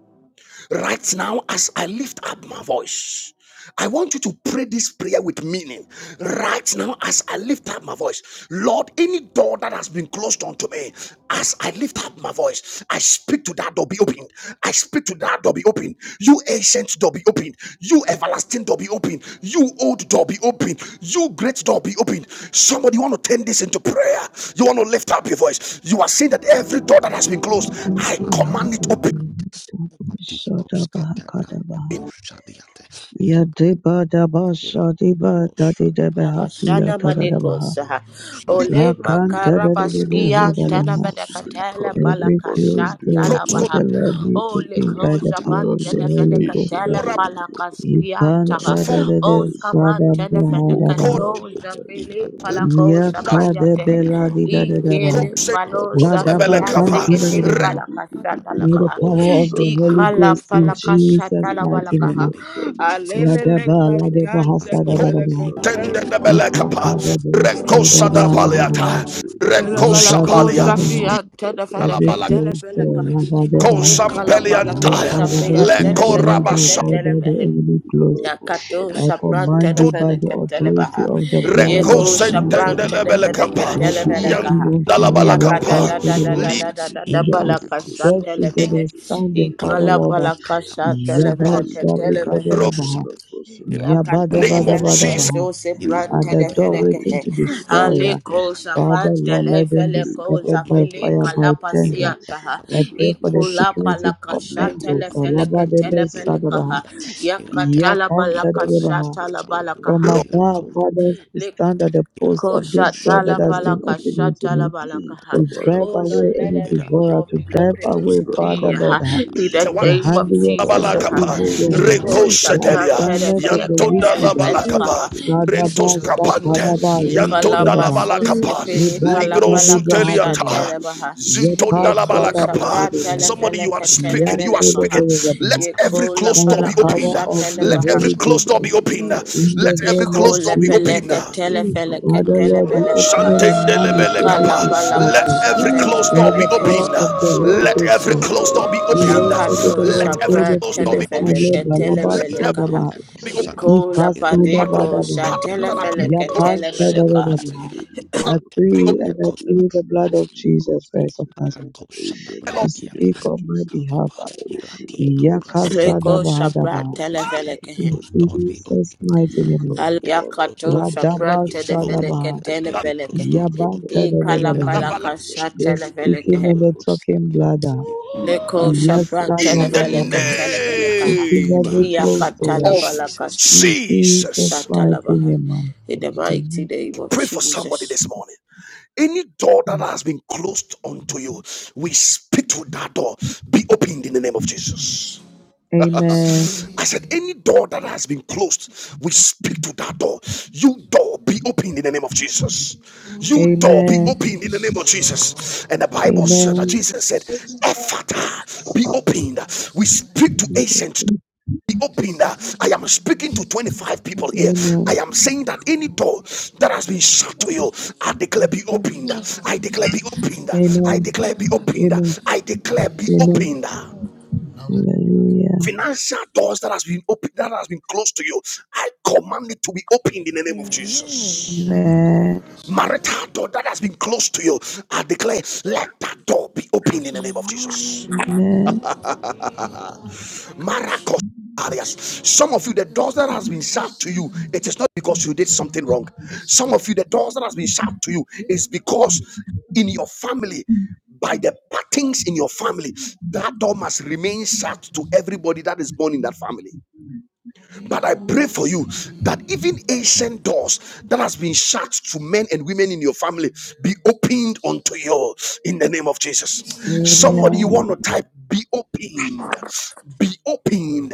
Speaker 1: Right now, as I lift up my voice, I want you to pray this prayer with meaning. Right now, as I lift up my voice, Lord, any door that has been closed unto me, as I lift up my voice, I speak to that door be opened. I speak to that door be opened. You ancient door be opened. You everlasting door be opened. You old door be opened. You great door be opened. Somebody want to turn this into prayer. You want to lift up your voice. You are saying that every door that has been closed, I command it
Speaker 3: Padakuta
Speaker 1: open.
Speaker 3: Grantes, Padikos Catagranta
Speaker 2: Yadeba
Speaker 3: Kosadiate,
Speaker 2: daba shadiba dadi deba
Speaker 3: Irakosadabatia,
Speaker 2: hasiya
Speaker 5: Shana
Speaker 2: tada
Speaker 3: Ikadikos
Speaker 2: daba
Speaker 5: manekos ole
Speaker 3: Cadia,
Speaker 2: la kanta dada deba
Speaker 5: makarabaskia tana
Speaker 3: Irapadiate
Speaker 2: hodabaha.
Speaker 5: venekatele
Speaker 3: Kosadabata,
Speaker 2: Every
Speaker 5: palakasha
Speaker 2: closed door,
Speaker 3: Irakikos
Speaker 1: Prosco
Speaker 5: talabaha
Speaker 2: Father Lord,
Speaker 3: Catagranta
Speaker 2: we
Speaker 5: ole
Speaker 2: open by the
Speaker 5: koja
Speaker 3: Cadiate
Speaker 2: power
Speaker 6: that
Speaker 2: of the
Speaker 5: pantene
Speaker 6: the the
Speaker 3: Kosadiate,
Speaker 2: Holy Ghost.
Speaker 6: ancient
Speaker 5: venekatele
Speaker 1: Ora
Speaker 6: door
Speaker 3: Irakikos
Speaker 5: palakaskia
Speaker 6: that
Speaker 5: taha
Speaker 2: Ipanta
Speaker 6: has been
Speaker 2: dada
Speaker 5: o
Speaker 2: de
Speaker 6: closed,
Speaker 5: skamantene
Speaker 2: shadaba
Speaker 6: the
Speaker 2: hodaba.
Speaker 6: opening
Speaker 1: foko
Speaker 6: of the
Speaker 3: Father,
Speaker 5: venekatoza
Speaker 6: mighty
Speaker 5: pili
Speaker 6: name of
Speaker 5: palakosha
Speaker 6: Jesus,
Speaker 1: landa
Speaker 5: paliate.
Speaker 2: Yakadebe la
Speaker 3: I
Speaker 2: di
Speaker 3: pray
Speaker 2: dada
Speaker 3: in the
Speaker 5: ikele
Speaker 2: daba.
Speaker 3: name
Speaker 1: kose
Speaker 3: of
Speaker 2: La
Speaker 5: paloza
Speaker 3: Jesus
Speaker 2: daba
Speaker 1: bele
Speaker 5: fia
Speaker 3: that let
Speaker 1: kapa
Speaker 2: kanta
Speaker 6: Thank
Speaker 5: zeketele
Speaker 3: me
Speaker 2: dada
Speaker 3: go.
Speaker 1: reko
Speaker 5: palakasha
Speaker 3: Father, be
Speaker 2: May the
Speaker 5: talabaha
Speaker 3: close
Speaker 2: power of
Speaker 3: unto
Speaker 2: the
Speaker 3: I
Speaker 2: Holy
Speaker 3: and
Speaker 5: ikala
Speaker 3: my
Speaker 2: Ghost in
Speaker 3: family. Be
Speaker 5: palakasha
Speaker 2: Jesus' mighty
Speaker 3: In the
Speaker 2: name.
Speaker 5: talabalakaha
Speaker 3: name of Jesus,
Speaker 5: alelele
Speaker 3: be
Speaker 2: Yadabala
Speaker 3: open
Speaker 2: de
Speaker 3: unto us
Speaker 5: katandele
Speaker 3: in the
Speaker 2: Bahasadabadaba.
Speaker 3: name of
Speaker 1: tende
Speaker 3: Jesus.
Speaker 1: de
Speaker 3: In
Speaker 1: bele
Speaker 3: the
Speaker 2: Ipoka
Speaker 3: doors
Speaker 2: de
Speaker 3: of
Speaker 1: reko sada
Speaker 3: testimonies, in the
Speaker 2: Bosadabadaba.
Speaker 1: paliata
Speaker 3: doors of
Speaker 1: reko
Speaker 3: goodness. in
Speaker 2: Yadadi
Speaker 5: Belabalako
Speaker 1: sapalia
Speaker 3: the doors
Speaker 2: Dabana.
Speaker 5: Zafia
Speaker 3: of
Speaker 1: ala
Speaker 2: Every
Speaker 3: in
Speaker 5: Televeneke
Speaker 6: you.
Speaker 3: the
Speaker 1: bala
Speaker 3: doors
Speaker 2: closed door,
Speaker 3: of
Speaker 5: Televelekaha.
Speaker 3: rest, in the
Speaker 2: Yabadaba.
Speaker 3: doors of
Speaker 1: kosam
Speaker 5: Mikala
Speaker 3: victory,
Speaker 5: Balako
Speaker 1: peliantaya
Speaker 3: in the
Speaker 2: Yabadaba,
Speaker 5: Zapia
Speaker 2: open to
Speaker 1: leko
Speaker 3: ancient
Speaker 2: me
Speaker 5: Televeneke
Speaker 3: of
Speaker 2: by
Speaker 1: rabasato
Speaker 3: the
Speaker 2: God that the
Speaker 5: Tendelevehe.
Speaker 2: enemy closed.
Speaker 3: door
Speaker 5: Yakato
Speaker 3: that
Speaker 2: I
Speaker 3: has been
Speaker 5: Shapran
Speaker 2: command you
Speaker 3: closed
Speaker 2: by the
Speaker 3: unto us.
Speaker 5: Televeneke
Speaker 3: And I
Speaker 2: authority
Speaker 5: Televaha.
Speaker 3: pray
Speaker 2: of the blood
Speaker 1: reko
Speaker 2: of
Speaker 5: Yeko
Speaker 2: Jesus.
Speaker 3: Lord,
Speaker 5: Shapran
Speaker 1: sentende le bele
Speaker 3: may that be
Speaker 1: kapa
Speaker 5: Televeneke
Speaker 3: not
Speaker 2: That be open
Speaker 5: Televelekaha.
Speaker 1: yanda
Speaker 2: unto
Speaker 3: us
Speaker 2: me,
Speaker 3: in the
Speaker 1: kapa
Speaker 5: Yakada
Speaker 3: name
Speaker 5: da da da
Speaker 3: of
Speaker 2: Yakadaba.
Speaker 5: da da
Speaker 6: Thank
Speaker 5: da
Speaker 3: Jesus.
Speaker 5: da da
Speaker 2: and the
Speaker 3: Ikata
Speaker 5: Balakasa
Speaker 3: kosa
Speaker 2: virtues that
Speaker 3: yata,
Speaker 2: are
Speaker 5: Televehe.
Speaker 2: standing, Father
Speaker 5: Ikala
Speaker 2: Lord.
Speaker 3: irapati
Speaker 2: uh,
Speaker 3: kata
Speaker 5: Balakasa
Speaker 3: kosa
Speaker 2: Yabba
Speaker 5: Televeneke
Speaker 3: yata,
Speaker 2: Shabbi
Speaker 5: Televehe.
Speaker 3: irakosa
Speaker 2: Kabirabaha,
Speaker 3: da, irati
Speaker 2: Yabba
Speaker 5: Yakatele
Speaker 2: Dabba
Speaker 3: kata
Speaker 1: name of
Speaker 5: vele
Speaker 2: Dabba
Speaker 3: kosa
Speaker 1: Jesus
Speaker 2: Dabba,
Speaker 5: kasiusi
Speaker 3: da,
Speaker 2: at
Speaker 5: prante
Speaker 2: the
Speaker 5: de
Speaker 3: irakota
Speaker 2: door
Speaker 5: vele
Speaker 3: da
Speaker 2: waiting
Speaker 5: kehe.
Speaker 3: ti
Speaker 2: to
Speaker 3: kasa
Speaker 2: destroy. uh,
Speaker 3: yata,
Speaker 5: Aliko
Speaker 2: Father
Speaker 3: irakeka
Speaker 5: javante
Speaker 2: Lord,
Speaker 5: le
Speaker 2: let them be
Speaker 5: vele ko
Speaker 2: scattered by
Speaker 3: yata
Speaker 5: javele
Speaker 2: fire,
Speaker 3: kosa,
Speaker 2: by
Speaker 5: kalapasia
Speaker 2: thunder.
Speaker 3: irakeka
Speaker 5: taha.
Speaker 2: I pray
Speaker 3: yata
Speaker 2: for the
Speaker 3: kosa
Speaker 5: Ikula
Speaker 3: da,
Speaker 2: security of
Speaker 5: palakasha
Speaker 3: ikata
Speaker 5: tele
Speaker 2: angels. uh,
Speaker 5: vele
Speaker 3: kosa,
Speaker 2: Labba
Speaker 5: ketele
Speaker 2: Dabba
Speaker 5: pele kaha.
Speaker 2: Sadabaha,
Speaker 3: irapati yata, iratepa,
Speaker 5: Yakatala
Speaker 2: Yakanta
Speaker 5: palakasha
Speaker 2: Dabaha.
Speaker 5: tala
Speaker 2: From
Speaker 5: balakaha.
Speaker 2: above,
Speaker 6: you.
Speaker 2: Father, to stand at the post
Speaker 5: Ko
Speaker 6: In
Speaker 2: of this
Speaker 6: the
Speaker 2: door that
Speaker 5: shatala
Speaker 6: mighty
Speaker 2: has
Speaker 6: name
Speaker 2: been
Speaker 6: of
Speaker 5: balaka
Speaker 2: opened
Speaker 6: Jesus.
Speaker 2: unto
Speaker 5: shatala
Speaker 2: me,
Speaker 5: balaka
Speaker 6: We
Speaker 5: ha.
Speaker 2: to
Speaker 6: cover the
Speaker 2: drive
Speaker 5: Oh
Speaker 3: Satapaya,
Speaker 5: Lord,
Speaker 6: Basanta,
Speaker 2: away
Speaker 5: let
Speaker 2: any
Speaker 6: the
Speaker 3: Ira
Speaker 5: every
Speaker 6: Bada
Speaker 2: devourer,
Speaker 5: mouth
Speaker 2: to
Speaker 5: be
Speaker 6: Badia,
Speaker 2: drive
Speaker 5: open
Speaker 3: Patapasi,
Speaker 2: away,
Speaker 5: unto
Speaker 6: the
Speaker 5: me
Speaker 2: Father
Speaker 6: Kappa,
Speaker 2: Lord,
Speaker 5: ha.
Speaker 2: uh,
Speaker 6: the
Speaker 3: Katapati,
Speaker 5: In the
Speaker 2: the
Speaker 6: Union,
Speaker 5: name of
Speaker 3: Koshan,
Speaker 6: the
Speaker 2: handworks of
Speaker 5: Jesus
Speaker 6: Kappa
Speaker 3: Ira
Speaker 2: the
Speaker 5: ha.
Speaker 6: Santa,
Speaker 1: labalakapa
Speaker 2: evil
Speaker 6: the
Speaker 3: Patashan,
Speaker 5: Let
Speaker 2: one,
Speaker 6: Baba,
Speaker 3: as
Speaker 5: go
Speaker 3: a
Speaker 2: the
Speaker 6: the
Speaker 3: door
Speaker 1: rekosetelia
Speaker 3: has
Speaker 5: shaprata
Speaker 2: assignment
Speaker 3: been
Speaker 6: Kabila,
Speaker 2: of the
Speaker 5: felaka
Speaker 1: yantonda
Speaker 3: come
Speaker 5: tele
Speaker 3: to us,
Speaker 6: the
Speaker 5: belaka
Speaker 2: wicked.
Speaker 3: Father,
Speaker 1: labalakapa
Speaker 5: ha.
Speaker 3: I
Speaker 6: Basanta,
Speaker 3: pray
Speaker 6: the
Speaker 1: rentos
Speaker 2: Sadaba,
Speaker 3: that
Speaker 6: Bada,
Speaker 3: may
Speaker 6: the
Speaker 3: it be
Speaker 1: kapante
Speaker 2: Sakadaba,
Speaker 6: Basanta,
Speaker 3: opened in
Speaker 6: the
Speaker 3: the
Speaker 5: Ikala
Speaker 1: yantonda
Speaker 3: name of
Speaker 2: Renkadaba,
Speaker 5: paso
Speaker 3: Jesus.
Speaker 1: labalakapa
Speaker 5: skipi
Speaker 6: Kappa, the Basanta, the
Speaker 2: Liba,
Speaker 5: ikala
Speaker 6: Bada,
Speaker 5: balaka
Speaker 2: Sadibahadaba,
Speaker 1: ligrosuteliata
Speaker 5: shatele baha.
Speaker 2: Yepa,
Speaker 1: zintonda
Speaker 6: the
Speaker 5: Yeko
Speaker 2: Sadaba,
Speaker 3: In
Speaker 1: labalakapa
Speaker 6: Basanta,
Speaker 5: shaprata
Speaker 3: the
Speaker 2: Kadaba,
Speaker 3: name
Speaker 6: the
Speaker 1: somebody you
Speaker 3: of
Speaker 1: are
Speaker 5: felaka
Speaker 3: Jesus.
Speaker 5: tele
Speaker 1: speaking you are
Speaker 5: belaka
Speaker 1: speaking
Speaker 5: ha.
Speaker 6: open the mighty
Speaker 1: let
Speaker 2: Yantadaba,
Speaker 3: As-
Speaker 1: every
Speaker 5: Yeko
Speaker 6: name
Speaker 5: la
Speaker 3: far
Speaker 6: of
Speaker 1: closed
Speaker 2: by
Speaker 3: as
Speaker 1: door
Speaker 2: the
Speaker 1: be
Speaker 3: Father,
Speaker 5: balaka
Speaker 6: Jesus.
Speaker 3: I
Speaker 1: open.
Speaker 2: power of
Speaker 5: shatele
Speaker 6: We
Speaker 2: the
Speaker 1: let
Speaker 5: baha.
Speaker 1: every
Speaker 2: Holy
Speaker 3: shall
Speaker 6: cover
Speaker 3: have
Speaker 1: closed
Speaker 2: Ghost,
Speaker 6: Santa,
Speaker 1: door be open.
Speaker 6: the
Speaker 3: every
Speaker 6: Baba,
Speaker 3: closed
Speaker 2: in
Speaker 3: door
Speaker 1: let
Speaker 2: the
Speaker 3: be
Speaker 1: every
Speaker 2: name of
Speaker 1: closed door
Speaker 5: Yekola
Speaker 1: be
Speaker 6: the
Speaker 3: let
Speaker 2: Jesus.
Speaker 3: every
Speaker 1: opened
Speaker 5: peleke
Speaker 3: closed door be opened
Speaker 5: telefeleke
Speaker 2: Father
Speaker 3: now.
Speaker 2: Lord,
Speaker 3: Let
Speaker 2: you
Speaker 3: every
Speaker 5: telebeleke
Speaker 2: open
Speaker 5: ha.
Speaker 2: it and man is
Speaker 3: door be
Speaker 2: able
Speaker 1: Shantendelebelekapa.
Speaker 5: Ikala
Speaker 3: in
Speaker 2: to
Speaker 3: the
Speaker 2: start.
Speaker 5: palaka
Speaker 1: Let
Speaker 3: name of
Speaker 5: sha
Speaker 1: every closed
Speaker 2: By
Speaker 1: door be
Speaker 2: the
Speaker 5: telefeleke
Speaker 2: power
Speaker 5: he.
Speaker 3: Jesus.
Speaker 2: of the
Speaker 1: open.
Speaker 2: Holy
Speaker 1: Let every
Speaker 2: Ghost,
Speaker 1: closed door be
Speaker 2: you worship the
Speaker 1: open.
Speaker 5: Yakato
Speaker 1: Let
Speaker 2: Lord,
Speaker 1: every
Speaker 2: bread
Speaker 5: shapa
Speaker 2: of
Speaker 1: closed
Speaker 2: food
Speaker 1: door be
Speaker 2: of
Speaker 1: open.
Speaker 2: my
Speaker 5: telefeleke
Speaker 2: labor, Laba
Speaker 1: Let heaven
Speaker 6: Jesus
Speaker 5: telebeleke ha.
Speaker 2: Shadaba,
Speaker 6: Christ of
Speaker 1: be open.
Speaker 6: Nazareth,
Speaker 5: Ikola
Speaker 6: the
Speaker 5: padeko
Speaker 6: Kabas
Speaker 5: sha
Speaker 2: Ikasadabadaba,
Speaker 6: and the
Speaker 5: telefeleke
Speaker 6: Baba, the
Speaker 5: telebeleke ha.
Speaker 6: Kabas and
Speaker 2: Yapantadabadaba. I
Speaker 1: be open,
Speaker 2: pray
Speaker 6: the
Speaker 2: and I
Speaker 6: of
Speaker 2: pray the blood
Speaker 3: Iratekosalapas,
Speaker 2: of Jesus
Speaker 6: Thank
Speaker 2: Christ
Speaker 6: you.
Speaker 2: of Nazareth
Speaker 6: In
Speaker 3: Rakoshata
Speaker 6: the
Speaker 2: to
Speaker 6: mighty
Speaker 3: Brandiata.
Speaker 6: name of
Speaker 2: speak on my
Speaker 6: Jesus,
Speaker 2: behalf.
Speaker 3: Kadapa
Speaker 6: I open
Speaker 3: Irati
Speaker 6: up the stores in my
Speaker 5: Leko
Speaker 3: Kauraskatiata.
Speaker 6: heart,
Speaker 5: shapa
Speaker 2: Yakasadabadaba,
Speaker 3: Father,
Speaker 6: Lord, in
Speaker 3: let
Speaker 6: the
Speaker 3: every
Speaker 5: telefeleke
Speaker 6: mighty
Speaker 5: he.
Speaker 2: in
Speaker 6: name
Speaker 3: closed
Speaker 6: of
Speaker 3: door be
Speaker 6: Jesus.
Speaker 3: open.
Speaker 2: Jesus' mighty
Speaker 6: We
Speaker 3: Father,
Speaker 2: name.
Speaker 6: come
Speaker 5: Al-
Speaker 3: Every
Speaker 6: all our
Speaker 3: closed
Speaker 5: Yakato
Speaker 3: door be
Speaker 6: covers and
Speaker 5: shapa
Speaker 2: Radaba
Speaker 3: open.
Speaker 6: remove
Speaker 3: Oh Lord,
Speaker 6: our
Speaker 5: telefeleke
Speaker 2: Shadaba,
Speaker 3: let
Speaker 6: cover.
Speaker 3: every
Speaker 5: telebeleke
Speaker 3: closed
Speaker 6: We
Speaker 3: door
Speaker 5: he.
Speaker 3: be
Speaker 6: come
Speaker 3: open.
Speaker 6: us and
Speaker 3: In
Speaker 5: Ikala
Speaker 6: remove our
Speaker 3: the
Speaker 2: Yabantadabadaba,
Speaker 3: name
Speaker 5: palaka
Speaker 3: of
Speaker 5: sha
Speaker 2: the
Speaker 6: cover. We
Speaker 3: Jesus.
Speaker 6: come
Speaker 5: telefeleke
Speaker 2: speaking
Speaker 5: he.
Speaker 2: and the talking bladder.
Speaker 5: Leko
Speaker 3: Kalakuskatiata.
Speaker 6: us
Speaker 2: Yes,
Speaker 5: shapra
Speaker 6: and
Speaker 1: In the
Speaker 6: remove our
Speaker 5: telefeleke
Speaker 6: cover.
Speaker 3: Shataba.
Speaker 2: Open
Speaker 5: telepelekaha.
Speaker 3: In
Speaker 1: name
Speaker 6: In
Speaker 2: every
Speaker 3: the
Speaker 6: the
Speaker 2: closed
Speaker 3: name
Speaker 6: mighty
Speaker 3: of
Speaker 2: door.
Speaker 5: Iyakatala
Speaker 6: name
Speaker 1: of
Speaker 6: of
Speaker 5: balaka
Speaker 6: Jesus.
Speaker 3: Jesus.
Speaker 2: In
Speaker 6: In
Speaker 2: Jesus'
Speaker 1: Jesus.
Speaker 2: mighty
Speaker 5: shatalabaha.
Speaker 2: name, I
Speaker 5: In the
Speaker 2: pray.
Speaker 5: mighty name of
Speaker 1: Pray for somebody
Speaker 5: Jesus.
Speaker 1: this morning. Any door that has been closed unto you, we speak to that door. Be opened in the name of Jesus.
Speaker 2: Amen. Amen.
Speaker 1: I said, any door that has been closed, we speak to that door. You door be open in the name of Jesus. You door be
Speaker 2: Amen.
Speaker 1: open in the name of Jesus. And the Bible said that
Speaker 2: Amen.
Speaker 1: Jesus said, Ephata be opened. We speak to ancient be open.
Speaker 7: Amen.
Speaker 1: I am speaking to 25 people here. I
Speaker 2: Amen.
Speaker 1: am saying that any door that has been shut to you, I declare be opened.
Speaker 7: Amen.
Speaker 1: I declare be opened. I
Speaker 2: Amen.
Speaker 1: declare be opened.
Speaker 2: Amen.
Speaker 1: I declare be
Speaker 2: Amen.
Speaker 1: opened.
Speaker 7: Amen.
Speaker 2: Hallelujah.
Speaker 1: Financial doors that has been opened, that has been closed to you, I command it to be opened in the name of Jesus.
Speaker 2: Amen.
Speaker 1: Marital door that has been closed to you, I declare, let that door be opened in the name of Jesus.
Speaker 2: Amen.
Speaker 1: Maracos areas. Some of you, the doors that has been shut to you, it is not because you did something wrong. Some of you, the doors that has been shut to you is because in your family, by the patterns in your family, that door must remain shut to everybody that is born in that family. But I pray for you that even ancient doors that has been shut to men and women in your family be opened unto you in the name of Jesus. Somebody you
Speaker 2: Amen.
Speaker 1: want to type be opened, be opened,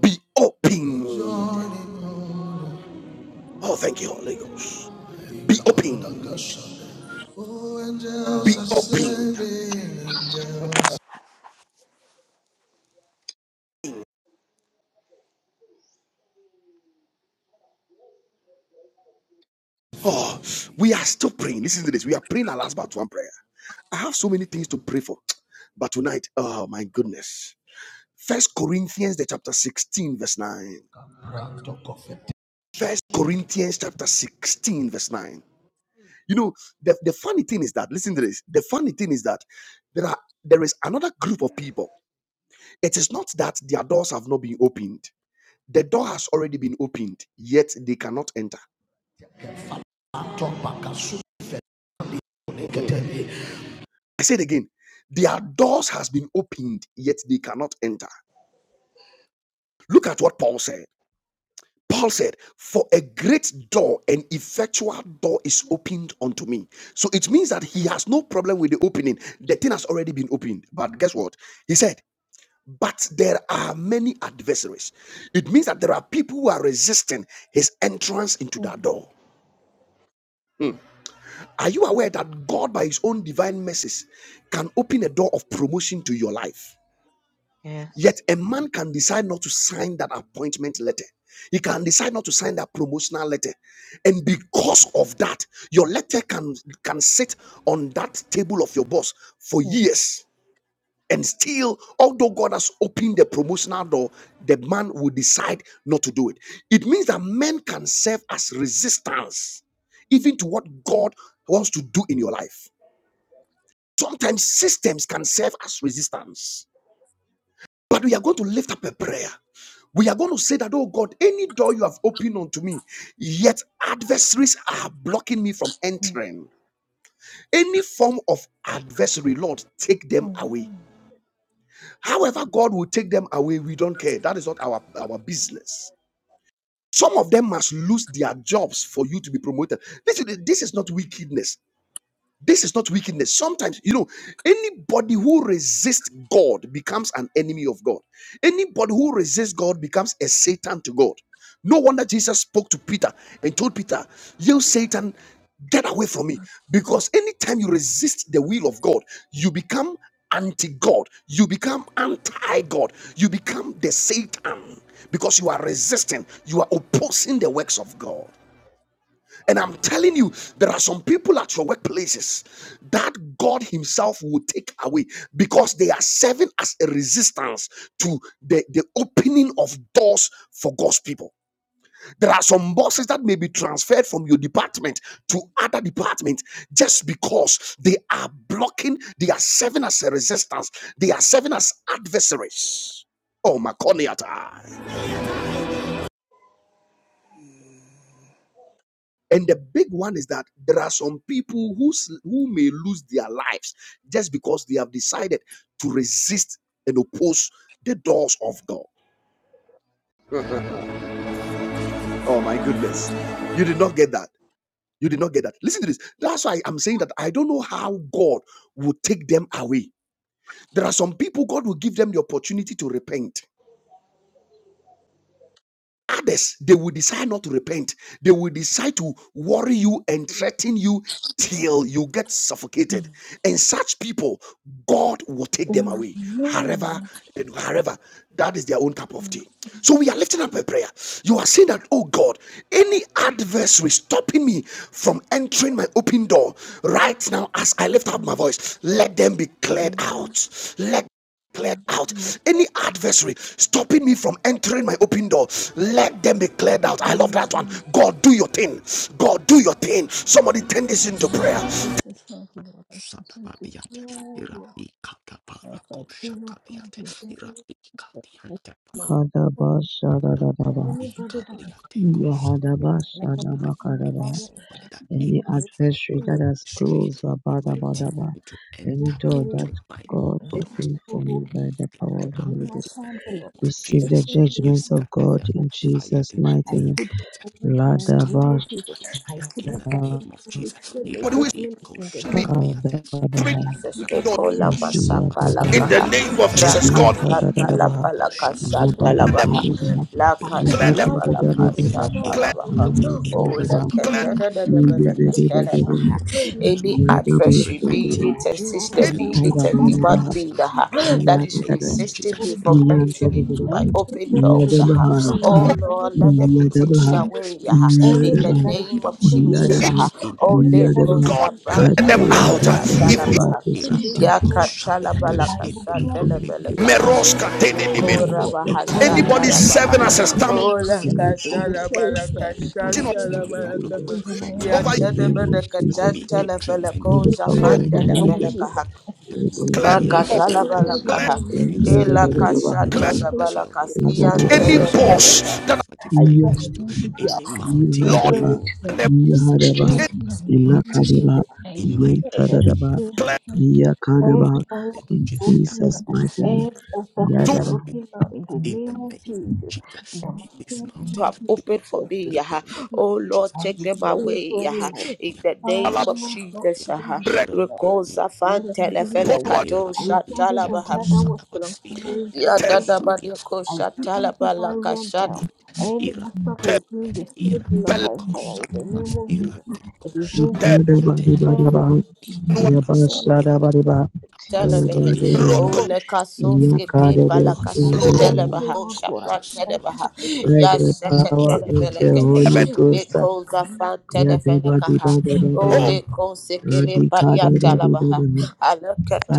Speaker 1: be opened. Oh, thank you, Holy Ghost. Be opened, be opened. Oh, we are still praying. Listen to this. We are praying our last but one prayer. I have so many things to pray for, but tonight, oh my goodness. First Corinthians the chapter 16, verse 9. First Corinthians chapter 16, verse 9. You know, the, the funny thing is that, listen to this. The funny thing is that there are there is another group of people. It is not that their doors have not been opened. The door has already been opened, yet they cannot enter. I say it again. Their doors has been opened, yet they cannot enter. Look at what Paul said. Paul said, For a great door, an effectual door is opened unto me. So it means that he has no problem with the opening. The thing has already been opened. But guess what? He said, But there are many adversaries. It means that there are people who are resisting his entrance into that door. Are you aware that God, by his own divine mercies, can open a door of promotion to your life?
Speaker 4: Yes.
Speaker 1: Yet a man can decide not to sign that appointment letter. He can decide not to sign that promotional letter. And because of that, your letter can, can sit on that table of your boss for years. And still, although God has opened the promotional door, the man will decide not to do it. It means that men can serve as resistance, even to what God wants to do in your life. Sometimes systems can serve as resistance but we are going to lift up a prayer. We are going to say that, oh God, any door you have opened unto me, yet adversaries are blocking me from entering. Any form of adversary, Lord, take them away. However, God will take them away, we don't care. That is not our, our business. Some of them must lose their jobs for you to be promoted. This is, this is not wickedness. This is not wickedness. Sometimes, you know, anybody who resists God becomes an enemy of God. Anybody who resists God becomes a Satan to God. No wonder Jesus spoke to Peter and told Peter, You Satan, get away from me. Because anytime you resist the will of God, you become anti God, you become anti God, you become the Satan because you are resisting, you are opposing the works of God. And I'm telling you, there are some people at your workplaces that God Himself will take away because they are serving as a resistance to the, the opening of doors for God's people. There are some bosses that may be transferred from your department to other departments just because they are blocking, they are serving as a resistance, they are serving as adversaries. Oh, my And the big one is that there are some people who, s- who may lose their lives just because they have decided to resist and oppose the doors of God. <laughs> oh my goodness. You did not get that. You did not get that. Listen to this. That's why I'm saying that I don't know how God will take them away. There are some people God will give them the opportunity to repent. Others, they will decide not to repent. They will decide to worry you and threaten you till you get suffocated. And such people, God will take them away. However, and however, that is their own cup of tea. So we are lifting up a prayer. You are saying that, oh God, any adversary stopping me from entering my open door right now as I lift up my voice, let them be cleared out. Let cleared out. Any adversary stopping me from entering my open door, let them be cleared
Speaker 7: Amen.
Speaker 1: out. I love that one.
Speaker 7: Amen.
Speaker 1: God, do your thing. God, do your thing. Somebody turn this into prayer. Somebody
Speaker 7: Jesus, Father, Lord, I present to
Speaker 3: Satabadiante,
Speaker 7: you
Speaker 3: Irati Katapara
Speaker 7: as I pray upon
Speaker 3: Koshakadiate,
Speaker 7: the day.
Speaker 3: Irati
Speaker 7: that you
Speaker 3: Kadiante,
Speaker 7: for
Speaker 2: Kadaba shadadadaba.
Speaker 7: Anybody that
Speaker 3: Ikaliate kosala.
Speaker 7: is in
Speaker 2: Yahadaba
Speaker 7: my life, that
Speaker 3: I
Speaker 2: shadaba
Speaker 7: is in my
Speaker 3: pray
Speaker 2: kadaba.
Speaker 3: this
Speaker 7: barrier, in
Speaker 3: morning that any
Speaker 2: Any adversary
Speaker 3: fire
Speaker 2: that has
Speaker 3: ministry
Speaker 2: closed about about
Speaker 3: preventing
Speaker 2: about
Speaker 3: me to
Speaker 2: any
Speaker 3: enter
Speaker 7: my
Speaker 2: door that
Speaker 3: into
Speaker 7: relationship,
Speaker 3: my
Speaker 2: God
Speaker 7: my
Speaker 3: thoughts,
Speaker 2: opened for
Speaker 7: family,
Speaker 2: me by the
Speaker 3: take
Speaker 7: As
Speaker 2: power
Speaker 3: them
Speaker 7: I
Speaker 2: of the Holy
Speaker 3: away
Speaker 7: came
Speaker 3: in
Speaker 2: Ghost.
Speaker 3: the
Speaker 7: outside the
Speaker 3: name
Speaker 7: Lord,
Speaker 3: of
Speaker 2: Receive the
Speaker 3: Jesus.
Speaker 7: listen to his
Speaker 3: You
Speaker 2: judgments of
Speaker 3: scatter
Speaker 2: God
Speaker 3: them
Speaker 7: voice.
Speaker 2: in
Speaker 3: by fire
Speaker 2: Jesus'
Speaker 3: in the
Speaker 7: I
Speaker 2: mighty
Speaker 3: name
Speaker 2: name.
Speaker 7: put
Speaker 3: of Jesus. You
Speaker 7: aside in the
Speaker 3: scatter
Speaker 7: name of
Speaker 2: Ladabasha
Speaker 3: them by
Speaker 7: Jesus. I
Speaker 3: fire
Speaker 7: put
Speaker 3: in the
Speaker 7: aside
Speaker 3: name of
Speaker 7: this
Speaker 3: Jesus.
Speaker 7: resentment
Speaker 1: who is
Speaker 3: Irate
Speaker 7: in the
Speaker 1: be
Speaker 7: name of Jesus.
Speaker 3: koshakaliate.
Speaker 1: entering
Speaker 2: Kadabaha
Speaker 5: Jesus,
Speaker 1: the
Speaker 7: I
Speaker 1: door
Speaker 7: put
Speaker 5: Leko
Speaker 7: aside
Speaker 5: lama
Speaker 7: this
Speaker 1: in
Speaker 3: Irakoshataba.
Speaker 2: Sasiyadabaha
Speaker 1: the
Speaker 5: sapalakaha.
Speaker 7: moment.
Speaker 1: name of
Speaker 3: Irakosha-
Speaker 1: Jesus.
Speaker 7: I
Speaker 1: God,
Speaker 7: carry
Speaker 5: Rakasatala
Speaker 2: Leblantadadabaha
Speaker 7: out
Speaker 5: balaka
Speaker 7: and put
Speaker 3: Irakoshataba.
Speaker 7: it down.
Speaker 2: Yabadi
Speaker 7: I
Speaker 1: clear them,
Speaker 7: put
Speaker 5: shatalabaha.
Speaker 7: it
Speaker 2: Kodabaha
Speaker 7: down.
Speaker 3: away.
Speaker 7: The
Speaker 1: clear
Speaker 3: Lord,
Speaker 1: them,
Speaker 5: Lakatala
Speaker 7: blood
Speaker 3: take
Speaker 7: that was
Speaker 3: them
Speaker 7: shed,
Speaker 5: balaka
Speaker 7: the
Speaker 2: Yabadi
Speaker 3: away.
Speaker 7: blood that was
Speaker 1: clear,
Speaker 5: shatalabaha.
Speaker 3: Anyone in every
Speaker 5: Oh,
Speaker 2: Kodabaha
Speaker 3: aspect of
Speaker 5: leke
Speaker 3: my
Speaker 1: clear.
Speaker 7: shed,
Speaker 3: life
Speaker 2: I pray against every
Speaker 5: telefeleke
Speaker 3: preventing me,
Speaker 2: form
Speaker 5: telebaha.
Speaker 7: the blood
Speaker 5: Any
Speaker 3: preventing
Speaker 5: adversary,
Speaker 3: me
Speaker 7: now
Speaker 3: from
Speaker 5: resist
Speaker 1: If,
Speaker 7: become
Speaker 5: being
Speaker 3: entering
Speaker 7: that
Speaker 5: it's
Speaker 3: my
Speaker 5: a
Speaker 7: person.
Speaker 3: new
Speaker 5: human
Speaker 3: doors.
Speaker 5: being
Speaker 3: I
Speaker 5: ah,
Speaker 3: pray in
Speaker 5: that
Speaker 3: the
Speaker 5: is
Speaker 3: name of
Speaker 5: resisting me
Speaker 3: Jesus. Lord,
Speaker 5: from
Speaker 3: may
Speaker 7: Everything
Speaker 5: entering into my open
Speaker 3: you
Speaker 7: that is
Speaker 5: doors.
Speaker 3: may
Speaker 5: ah.
Speaker 3: you
Speaker 7: defeating, me,
Speaker 5: Oh
Speaker 3: scatter
Speaker 5: Lord,
Speaker 7: everything
Speaker 5: let
Speaker 3: the
Speaker 5: them
Speaker 7: that
Speaker 5: be
Speaker 7: is
Speaker 3: Holy Ghost
Speaker 5: taken
Speaker 7: defeating
Speaker 3: fire.
Speaker 5: away
Speaker 3: May you
Speaker 5: ah, in
Speaker 3: scatter
Speaker 5: the
Speaker 7: Anything
Speaker 3: them
Speaker 7: that is
Speaker 3: by
Speaker 5: name
Speaker 3: the
Speaker 5: of
Speaker 3: Holy
Speaker 7: receiving my
Speaker 3: Ghost
Speaker 5: Jesus.
Speaker 1: if
Speaker 3: fire
Speaker 7: grace,
Speaker 5: ah.
Speaker 3: in the
Speaker 5: Oh
Speaker 3: name.
Speaker 7: anything that
Speaker 5: Leko
Speaker 7: is
Speaker 1: God
Speaker 7: receiving
Speaker 1: clear
Speaker 7: my
Speaker 5: Sabrata
Speaker 1: them
Speaker 7: grace,
Speaker 1: out,
Speaker 7: Father,
Speaker 3: Yakoshada,
Speaker 1: if it
Speaker 7: Lord, I
Speaker 2: of
Speaker 7: thank
Speaker 2: resistance.
Speaker 3: Irate
Speaker 7: you, Lord.
Speaker 5: Yakatala
Speaker 2: In the
Speaker 3: Koshadiata,
Speaker 7: I
Speaker 3: any
Speaker 7: will be
Speaker 2: system,
Speaker 7: what I
Speaker 2: in the
Speaker 3: family
Speaker 7: receive and
Speaker 3: member,
Speaker 5: Balakasha
Speaker 7: what
Speaker 2: system,
Speaker 7: I
Speaker 1: Meros
Speaker 7: receive,
Speaker 3: any
Speaker 7: oh
Speaker 1: Kateninimin,
Speaker 3: friend,
Speaker 7: Lord
Speaker 5: Likora
Speaker 2: and
Speaker 7: God.
Speaker 2: from
Speaker 3: any
Speaker 5: baha
Speaker 7: I will
Speaker 2: entering
Speaker 5: shata
Speaker 1: anybody
Speaker 2: into
Speaker 5: la
Speaker 3: parent,
Speaker 7: praise
Speaker 3: any,
Speaker 5: baha.
Speaker 1: serving
Speaker 2: the
Speaker 1: as a
Speaker 7: you,
Speaker 2: system,
Speaker 1: stamping
Speaker 3: any
Speaker 7: name of
Speaker 5: Ola
Speaker 7: Jesus.
Speaker 2: and
Speaker 3: sibling,
Speaker 7: I
Speaker 5: kata
Speaker 2: resist
Speaker 7: will
Speaker 3: anyone
Speaker 5: la
Speaker 2: the
Speaker 7: praise you, I
Speaker 5: baraka
Speaker 3: serving
Speaker 7: will
Speaker 3: as a
Speaker 5: shata
Speaker 2: encouragement
Speaker 5: la
Speaker 7: praise
Speaker 2: of
Speaker 7: you
Speaker 3: standing
Speaker 2: the
Speaker 3: block
Speaker 7: in
Speaker 5: baraka.
Speaker 2: Lord.
Speaker 7: the
Speaker 3: for my
Speaker 5: Ya
Speaker 7: name
Speaker 1: over
Speaker 2: In
Speaker 3: new
Speaker 2: the
Speaker 1: you,
Speaker 5: tada
Speaker 3: level,
Speaker 2: name of
Speaker 5: bada
Speaker 3: for
Speaker 5: kata
Speaker 2: Jesus
Speaker 3: me
Speaker 2: Christ.
Speaker 5: tala
Speaker 3: entering
Speaker 5: fela
Speaker 3: my
Speaker 2: In
Speaker 3: new
Speaker 2: the
Speaker 3: door.
Speaker 5: koza
Speaker 2: power
Speaker 1: no,
Speaker 2: of
Speaker 3: I
Speaker 2: the
Speaker 5: fanda la
Speaker 2: Holy
Speaker 7: of
Speaker 3: pray
Speaker 7: our
Speaker 5: fela
Speaker 3: in
Speaker 2: Ghost.
Speaker 7: Jesus.
Speaker 5: kaha.
Speaker 3: the Lord
Speaker 1: clear,
Speaker 3: Jesus
Speaker 7: This
Speaker 5: Makata
Speaker 7: is
Speaker 3: that,
Speaker 5: la
Speaker 7: the
Speaker 3: oh
Speaker 7: name
Speaker 3: Lord,
Speaker 7: of
Speaker 5: baraka
Speaker 7: the
Speaker 1: clear,
Speaker 5: ha.
Speaker 3: may you
Speaker 5: Ela
Speaker 3: supply them
Speaker 7: And
Speaker 3: away
Speaker 1: clear.
Speaker 7: I'm
Speaker 5: kashata da
Speaker 7: afraid
Speaker 3: as
Speaker 7: of
Speaker 3: your
Speaker 5: baraka
Speaker 3: word has
Speaker 5: skia
Speaker 3: promised
Speaker 1: Any
Speaker 7: you,
Speaker 5: tada
Speaker 3: us in
Speaker 5: bada.
Speaker 7: dear Lord,
Speaker 1: boss
Speaker 7: Father.
Speaker 3: Isaiah
Speaker 1: that
Speaker 7: I
Speaker 3: 45,
Speaker 7: thank
Speaker 3: verse 2.
Speaker 7: you, Jesus. yeah.
Speaker 3: Any mountain,
Speaker 1: Lord
Speaker 7: Destroy it
Speaker 3: anyone that
Speaker 7: now.
Speaker 3: has set
Speaker 7: Destroy it
Speaker 3: himself
Speaker 7: now
Speaker 3: as
Speaker 7: in
Speaker 3: a
Speaker 7: the
Speaker 3: mountain
Speaker 7: name of Jesus. I
Speaker 3: in
Speaker 7: destroy
Speaker 3: my in
Speaker 7: it. I
Speaker 3: the
Speaker 7: destroy it.
Speaker 3: fucking
Speaker 7: Everybody
Speaker 3: name of
Speaker 2: In
Speaker 7: is
Speaker 3: Jesus. That oh
Speaker 7: looking
Speaker 2: Jesus'
Speaker 7: up.
Speaker 2: mighty
Speaker 3: Lord,
Speaker 2: name.
Speaker 3: may
Speaker 7: Every obstacle is
Speaker 3: mountains
Speaker 2: Yadaba.
Speaker 3: be moved
Speaker 7: looking up in the
Speaker 3: in the
Speaker 7: name of
Speaker 3: name of
Speaker 7: Jesus. In
Speaker 3: Jesus.
Speaker 7: the
Speaker 3: May
Speaker 7: mighty
Speaker 3: these
Speaker 7: name of
Speaker 5: You
Speaker 3: mountains
Speaker 5: have
Speaker 7: Jesus.
Speaker 3: be
Speaker 5: opened for
Speaker 7: As the
Speaker 3: moved
Speaker 5: me,
Speaker 3: in the name
Speaker 5: Yaha.
Speaker 3: of
Speaker 7: flood,
Speaker 5: Oh Lord,
Speaker 3: Jesus.
Speaker 7: as
Speaker 5: take
Speaker 7: the
Speaker 5: them
Speaker 7: sail
Speaker 5: away,
Speaker 7: for the
Speaker 5: Yaha.
Speaker 7: Lord.
Speaker 5: In the
Speaker 3: Shadiantero,
Speaker 5: name
Speaker 7: Father,
Speaker 5: of
Speaker 7: Lord, not
Speaker 5: Jesus,
Speaker 7: even
Speaker 5: Yaha.
Speaker 7: be
Speaker 3: Shadiantero,
Speaker 7: up.
Speaker 3: Irapadiantero,
Speaker 5: Rekoza fan
Speaker 7: am even
Speaker 5: telefele
Speaker 7: away.
Speaker 5: kato
Speaker 7: I stand in the
Speaker 3: Irapadiantero,
Speaker 5: shatala
Speaker 7: blood that was
Speaker 3: Sadaba,
Speaker 7: shed on Calvary's
Speaker 3: Irateko,
Speaker 7: Christmas Jesus.
Speaker 5: Yadadabade
Speaker 3: Sadia,
Speaker 7: I see
Speaker 5: koshatala
Speaker 7: into my
Speaker 3: Adakaba,
Speaker 7: red
Speaker 5: balakashatala
Speaker 7: down.
Speaker 3: Skadiante,
Speaker 7: Any obstacle is being
Speaker 3: Irapadiante,
Speaker 7: destroyed now by
Speaker 3: Irateko,
Speaker 7: fire in the
Speaker 3: Sadaba,
Speaker 7: name of Jesus.
Speaker 3: Irateko,
Speaker 7: It is being
Speaker 2: Yadaba,
Speaker 7: destroyed
Speaker 3: Shadaba,
Speaker 7: by
Speaker 2: daba,
Speaker 7: fire, not by fire, not
Speaker 2: daba. Yaba,
Speaker 7: in
Speaker 3: Araskadia,
Speaker 2: shadaba, daba.
Speaker 7: the name
Speaker 5: vehe.
Speaker 2: Yadaba,
Speaker 3: Raskadi,
Speaker 7: of Jesus.
Speaker 5: Ole
Speaker 3: Parakos,
Speaker 5: kasoske
Speaker 2: daba. Yakadaba,
Speaker 5: te
Speaker 3: Araba,
Speaker 7: I'm
Speaker 5: balakasu
Speaker 2: shadaba.
Speaker 5: televaha. O
Speaker 3: Irakos, Araba,
Speaker 5: shaprantelevaha.
Speaker 2: by the
Speaker 3: Irakatapa,
Speaker 2: power of the
Speaker 5: Yashekatelevelekehe.
Speaker 2: Holy
Speaker 3: Irakosaka,
Speaker 2: Ghost.
Speaker 5: Lekoza fantelevelekaha.
Speaker 3: Yasti,
Speaker 2: Yadabadibadabadaba,
Speaker 5: Ole kosekele
Speaker 3: Atekos,
Speaker 5: paliatalabaha.
Speaker 2: Radikadadadadadaba,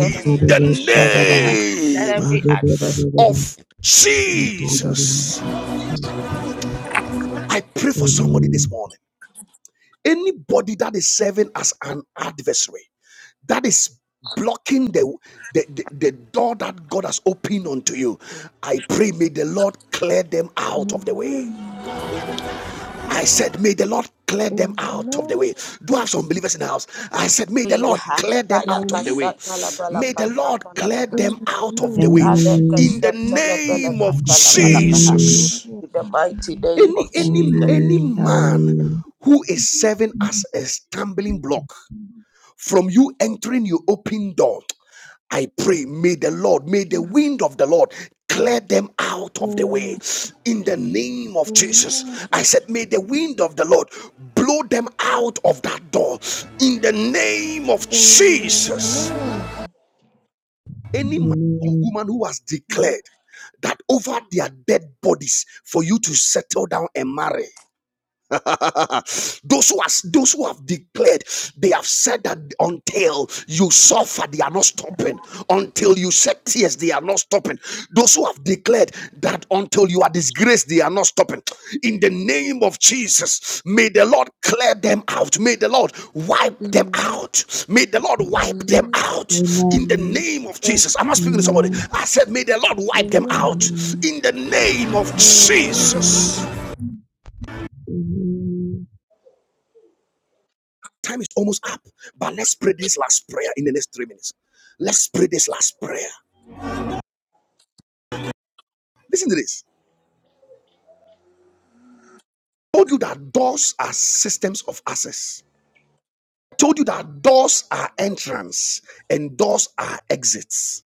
Speaker 1: in the
Speaker 3: Kotiate, Irapata,
Speaker 5: Let
Speaker 3: Kabiate,
Speaker 1: name
Speaker 5: every adversary.
Speaker 2: Wadabadabadaba,
Speaker 1: of
Speaker 3: Verse 3 out of
Speaker 1: Jesus.
Speaker 2: Wadabadabadaba.
Speaker 3: 9.
Speaker 2: Jesus.
Speaker 1: I pray for somebody this
Speaker 2: Amen.
Speaker 1: morning. Anybody that is serving as an adversary that is blocking the, the, the, the door that God has opened unto you, I pray may the Lord clear them out of the way. I said, May the Lord clear them out of the way. Do I have some believers in the house? I said, May the Lord
Speaker 5: Yaha.
Speaker 1: clear them out of the way.
Speaker 5: Balakashatala
Speaker 1: May the Lord
Speaker 5: balakashatala
Speaker 1: clear
Speaker 5: baha.
Speaker 1: them out of the way.
Speaker 5: Aleka
Speaker 1: In
Speaker 2: Amen.
Speaker 1: the name of
Speaker 2: Amen.
Speaker 1: Jesus.
Speaker 5: In the mighty name
Speaker 1: Any
Speaker 5: of
Speaker 1: any
Speaker 5: Jesus.
Speaker 1: any
Speaker 2: Amen.
Speaker 1: man
Speaker 2: Hallelujah.
Speaker 1: who is serving as a stumbling block from you entering your open door. I pray, may the Lord, may the wind of the Lord clear them out of the way in the name of Jesus. I said, may the wind of the Lord blow them out of that door in the name of Jesus. Any man or
Speaker 2: Amen.
Speaker 1: woman who has declared that over their dead bodies for you to settle down and marry. <laughs> those who are those who have declared, they have said that until you suffer, they are not stopping. Until you shed tears, they are not stopping. Those who have declared that until you are disgraced, they are not stopping. In the name of Jesus, may the Lord clear them out. May the Lord wipe them out. May the Lord wipe them out. In the
Speaker 2: Amen.
Speaker 1: name of Jesus, I'm not speaking to somebody.
Speaker 2: Amen.
Speaker 1: I said, may the Lord wipe them out.
Speaker 2: Amen.
Speaker 1: In the name of
Speaker 7: Amen. Amen. Amen. Amen. Amen. Amen. Amen. Amen. Ah, Amen.
Speaker 1: Jesus.
Speaker 7: Amen.
Speaker 2: Amen.
Speaker 1: Time is almost up, but let's pray this last prayer in the next three minutes. Let's pray this last prayer. Listen to this. I told you that doors are systems of access. I told you that doors are entrance and doors are exits.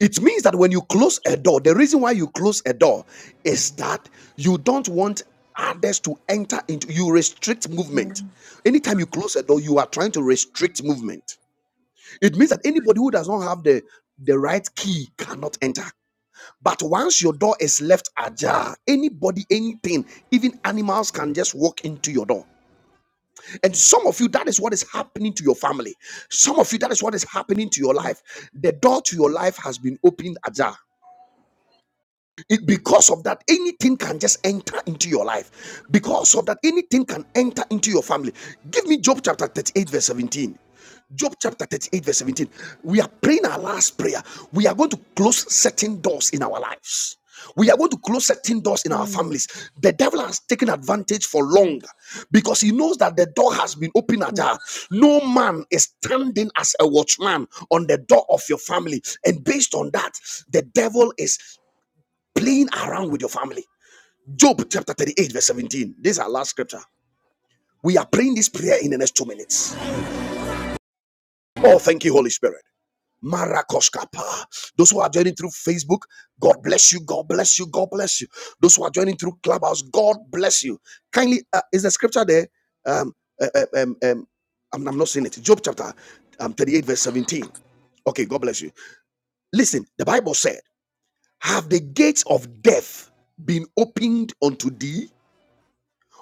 Speaker 1: It means that when you close a door, the reason why you close a door is that you don't want others to enter into you restrict
Speaker 7: Ah,
Speaker 1: movement. Anytime you close a door, you are trying to restrict movement. It means that anybody who does not have the the right key cannot enter. But once your door is left ajar, anybody, anything, even animals can just walk into your door. And some of you, that is what is happening to your family. Some of you, that is what is happening to your life. The door to your life has been opened ajar. It, because of that, anything can just enter into your life. Because of that, anything can enter into your family. Give me Job chapter 38, verse 17. Job chapter 38, verse 17. We are praying our last prayer. We are going to close certain doors in our lives. We are going to close certain doors in our
Speaker 7: Amen.
Speaker 1: families. The devil has taken advantage for long
Speaker 7: Amen.
Speaker 1: because he knows that the door has been opened ajar. No man is standing as a watchman on the door of your family. And based on that, the devil is playing around with your family. Job chapter 38, verse 17. This is our last scripture. We are praying this prayer in the next two minutes. Oh, thank you, Holy Spirit. Marakoskapa. Those who are joining through Facebook, God bless you. God bless you. God bless you. Those who are joining through Clubhouse, God bless you. Kindly, uh, is the scripture there? Um, uh, uh, um, um, I'm, I'm not saying it. Job chapter um, 38, verse 17. Okay, God bless you. Listen, the Bible said, Have the gates of death been opened unto thee?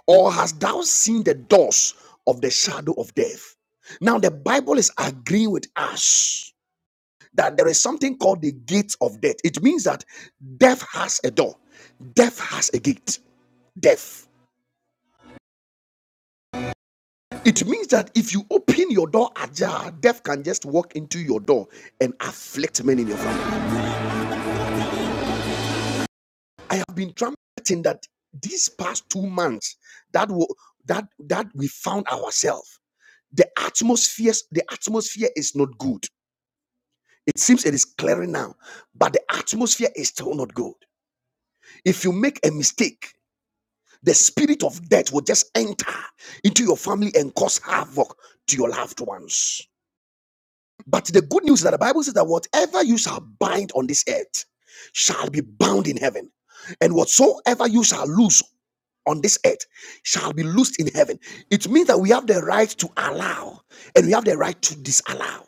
Speaker 1: or hast thou seen the doors of the shadow of death? Now, the Bible is agreeing with us that there is something called the gate of death. It means that death has a door, death has a gate. Death. It means that if you open your door ajar, death can just walk into your door and afflict men in your family. I have been trumpeting that these past two months that wo- that that we found ourselves. The atmospheres, the atmosphere is not good It seems it is clearing now, but the atmosphere is still not good. If you make a mistake, the spirit of death will just enter into your family and cause havoc to your loved ones. But the good news is that the Bible says that whatever you shall bind on this earth shall be bound in heaven, and whatsoever you shall loose on this earth shall be loosed in heaven. It means that we have the right to allow and we have the right to disallow.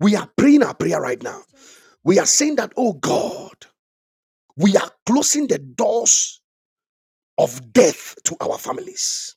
Speaker 1: We are praying our prayer right now. We are saying that, oh God, we are closing the doors of death to our families.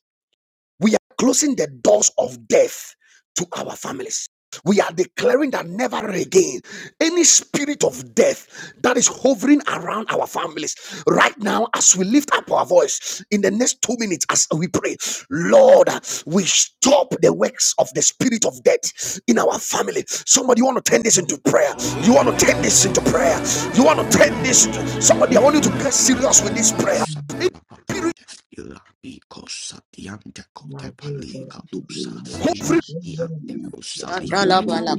Speaker 1: We are closing the doors of death to our families. We are declaring that never again any spirit of death that is hovering around our families right now, as we lift up our voice in the next two minutes, as we pray, Lord, we stop the works of the spirit of death in our family. Somebody, you want to turn this into prayer. You want to turn this into prayer. You want to turn this. Into, somebody, I
Speaker 4: Thank
Speaker 1: want you to
Speaker 4: you,
Speaker 1: get serious with this prayer. Any spirit
Speaker 4: my Jesus.
Speaker 6: the name of
Speaker 4: Yes,
Speaker 1: hovering
Speaker 4: yes,
Speaker 6: Jesus.
Speaker 4: yes.
Speaker 6: We come
Speaker 4: My
Speaker 5: Katala
Speaker 4: God.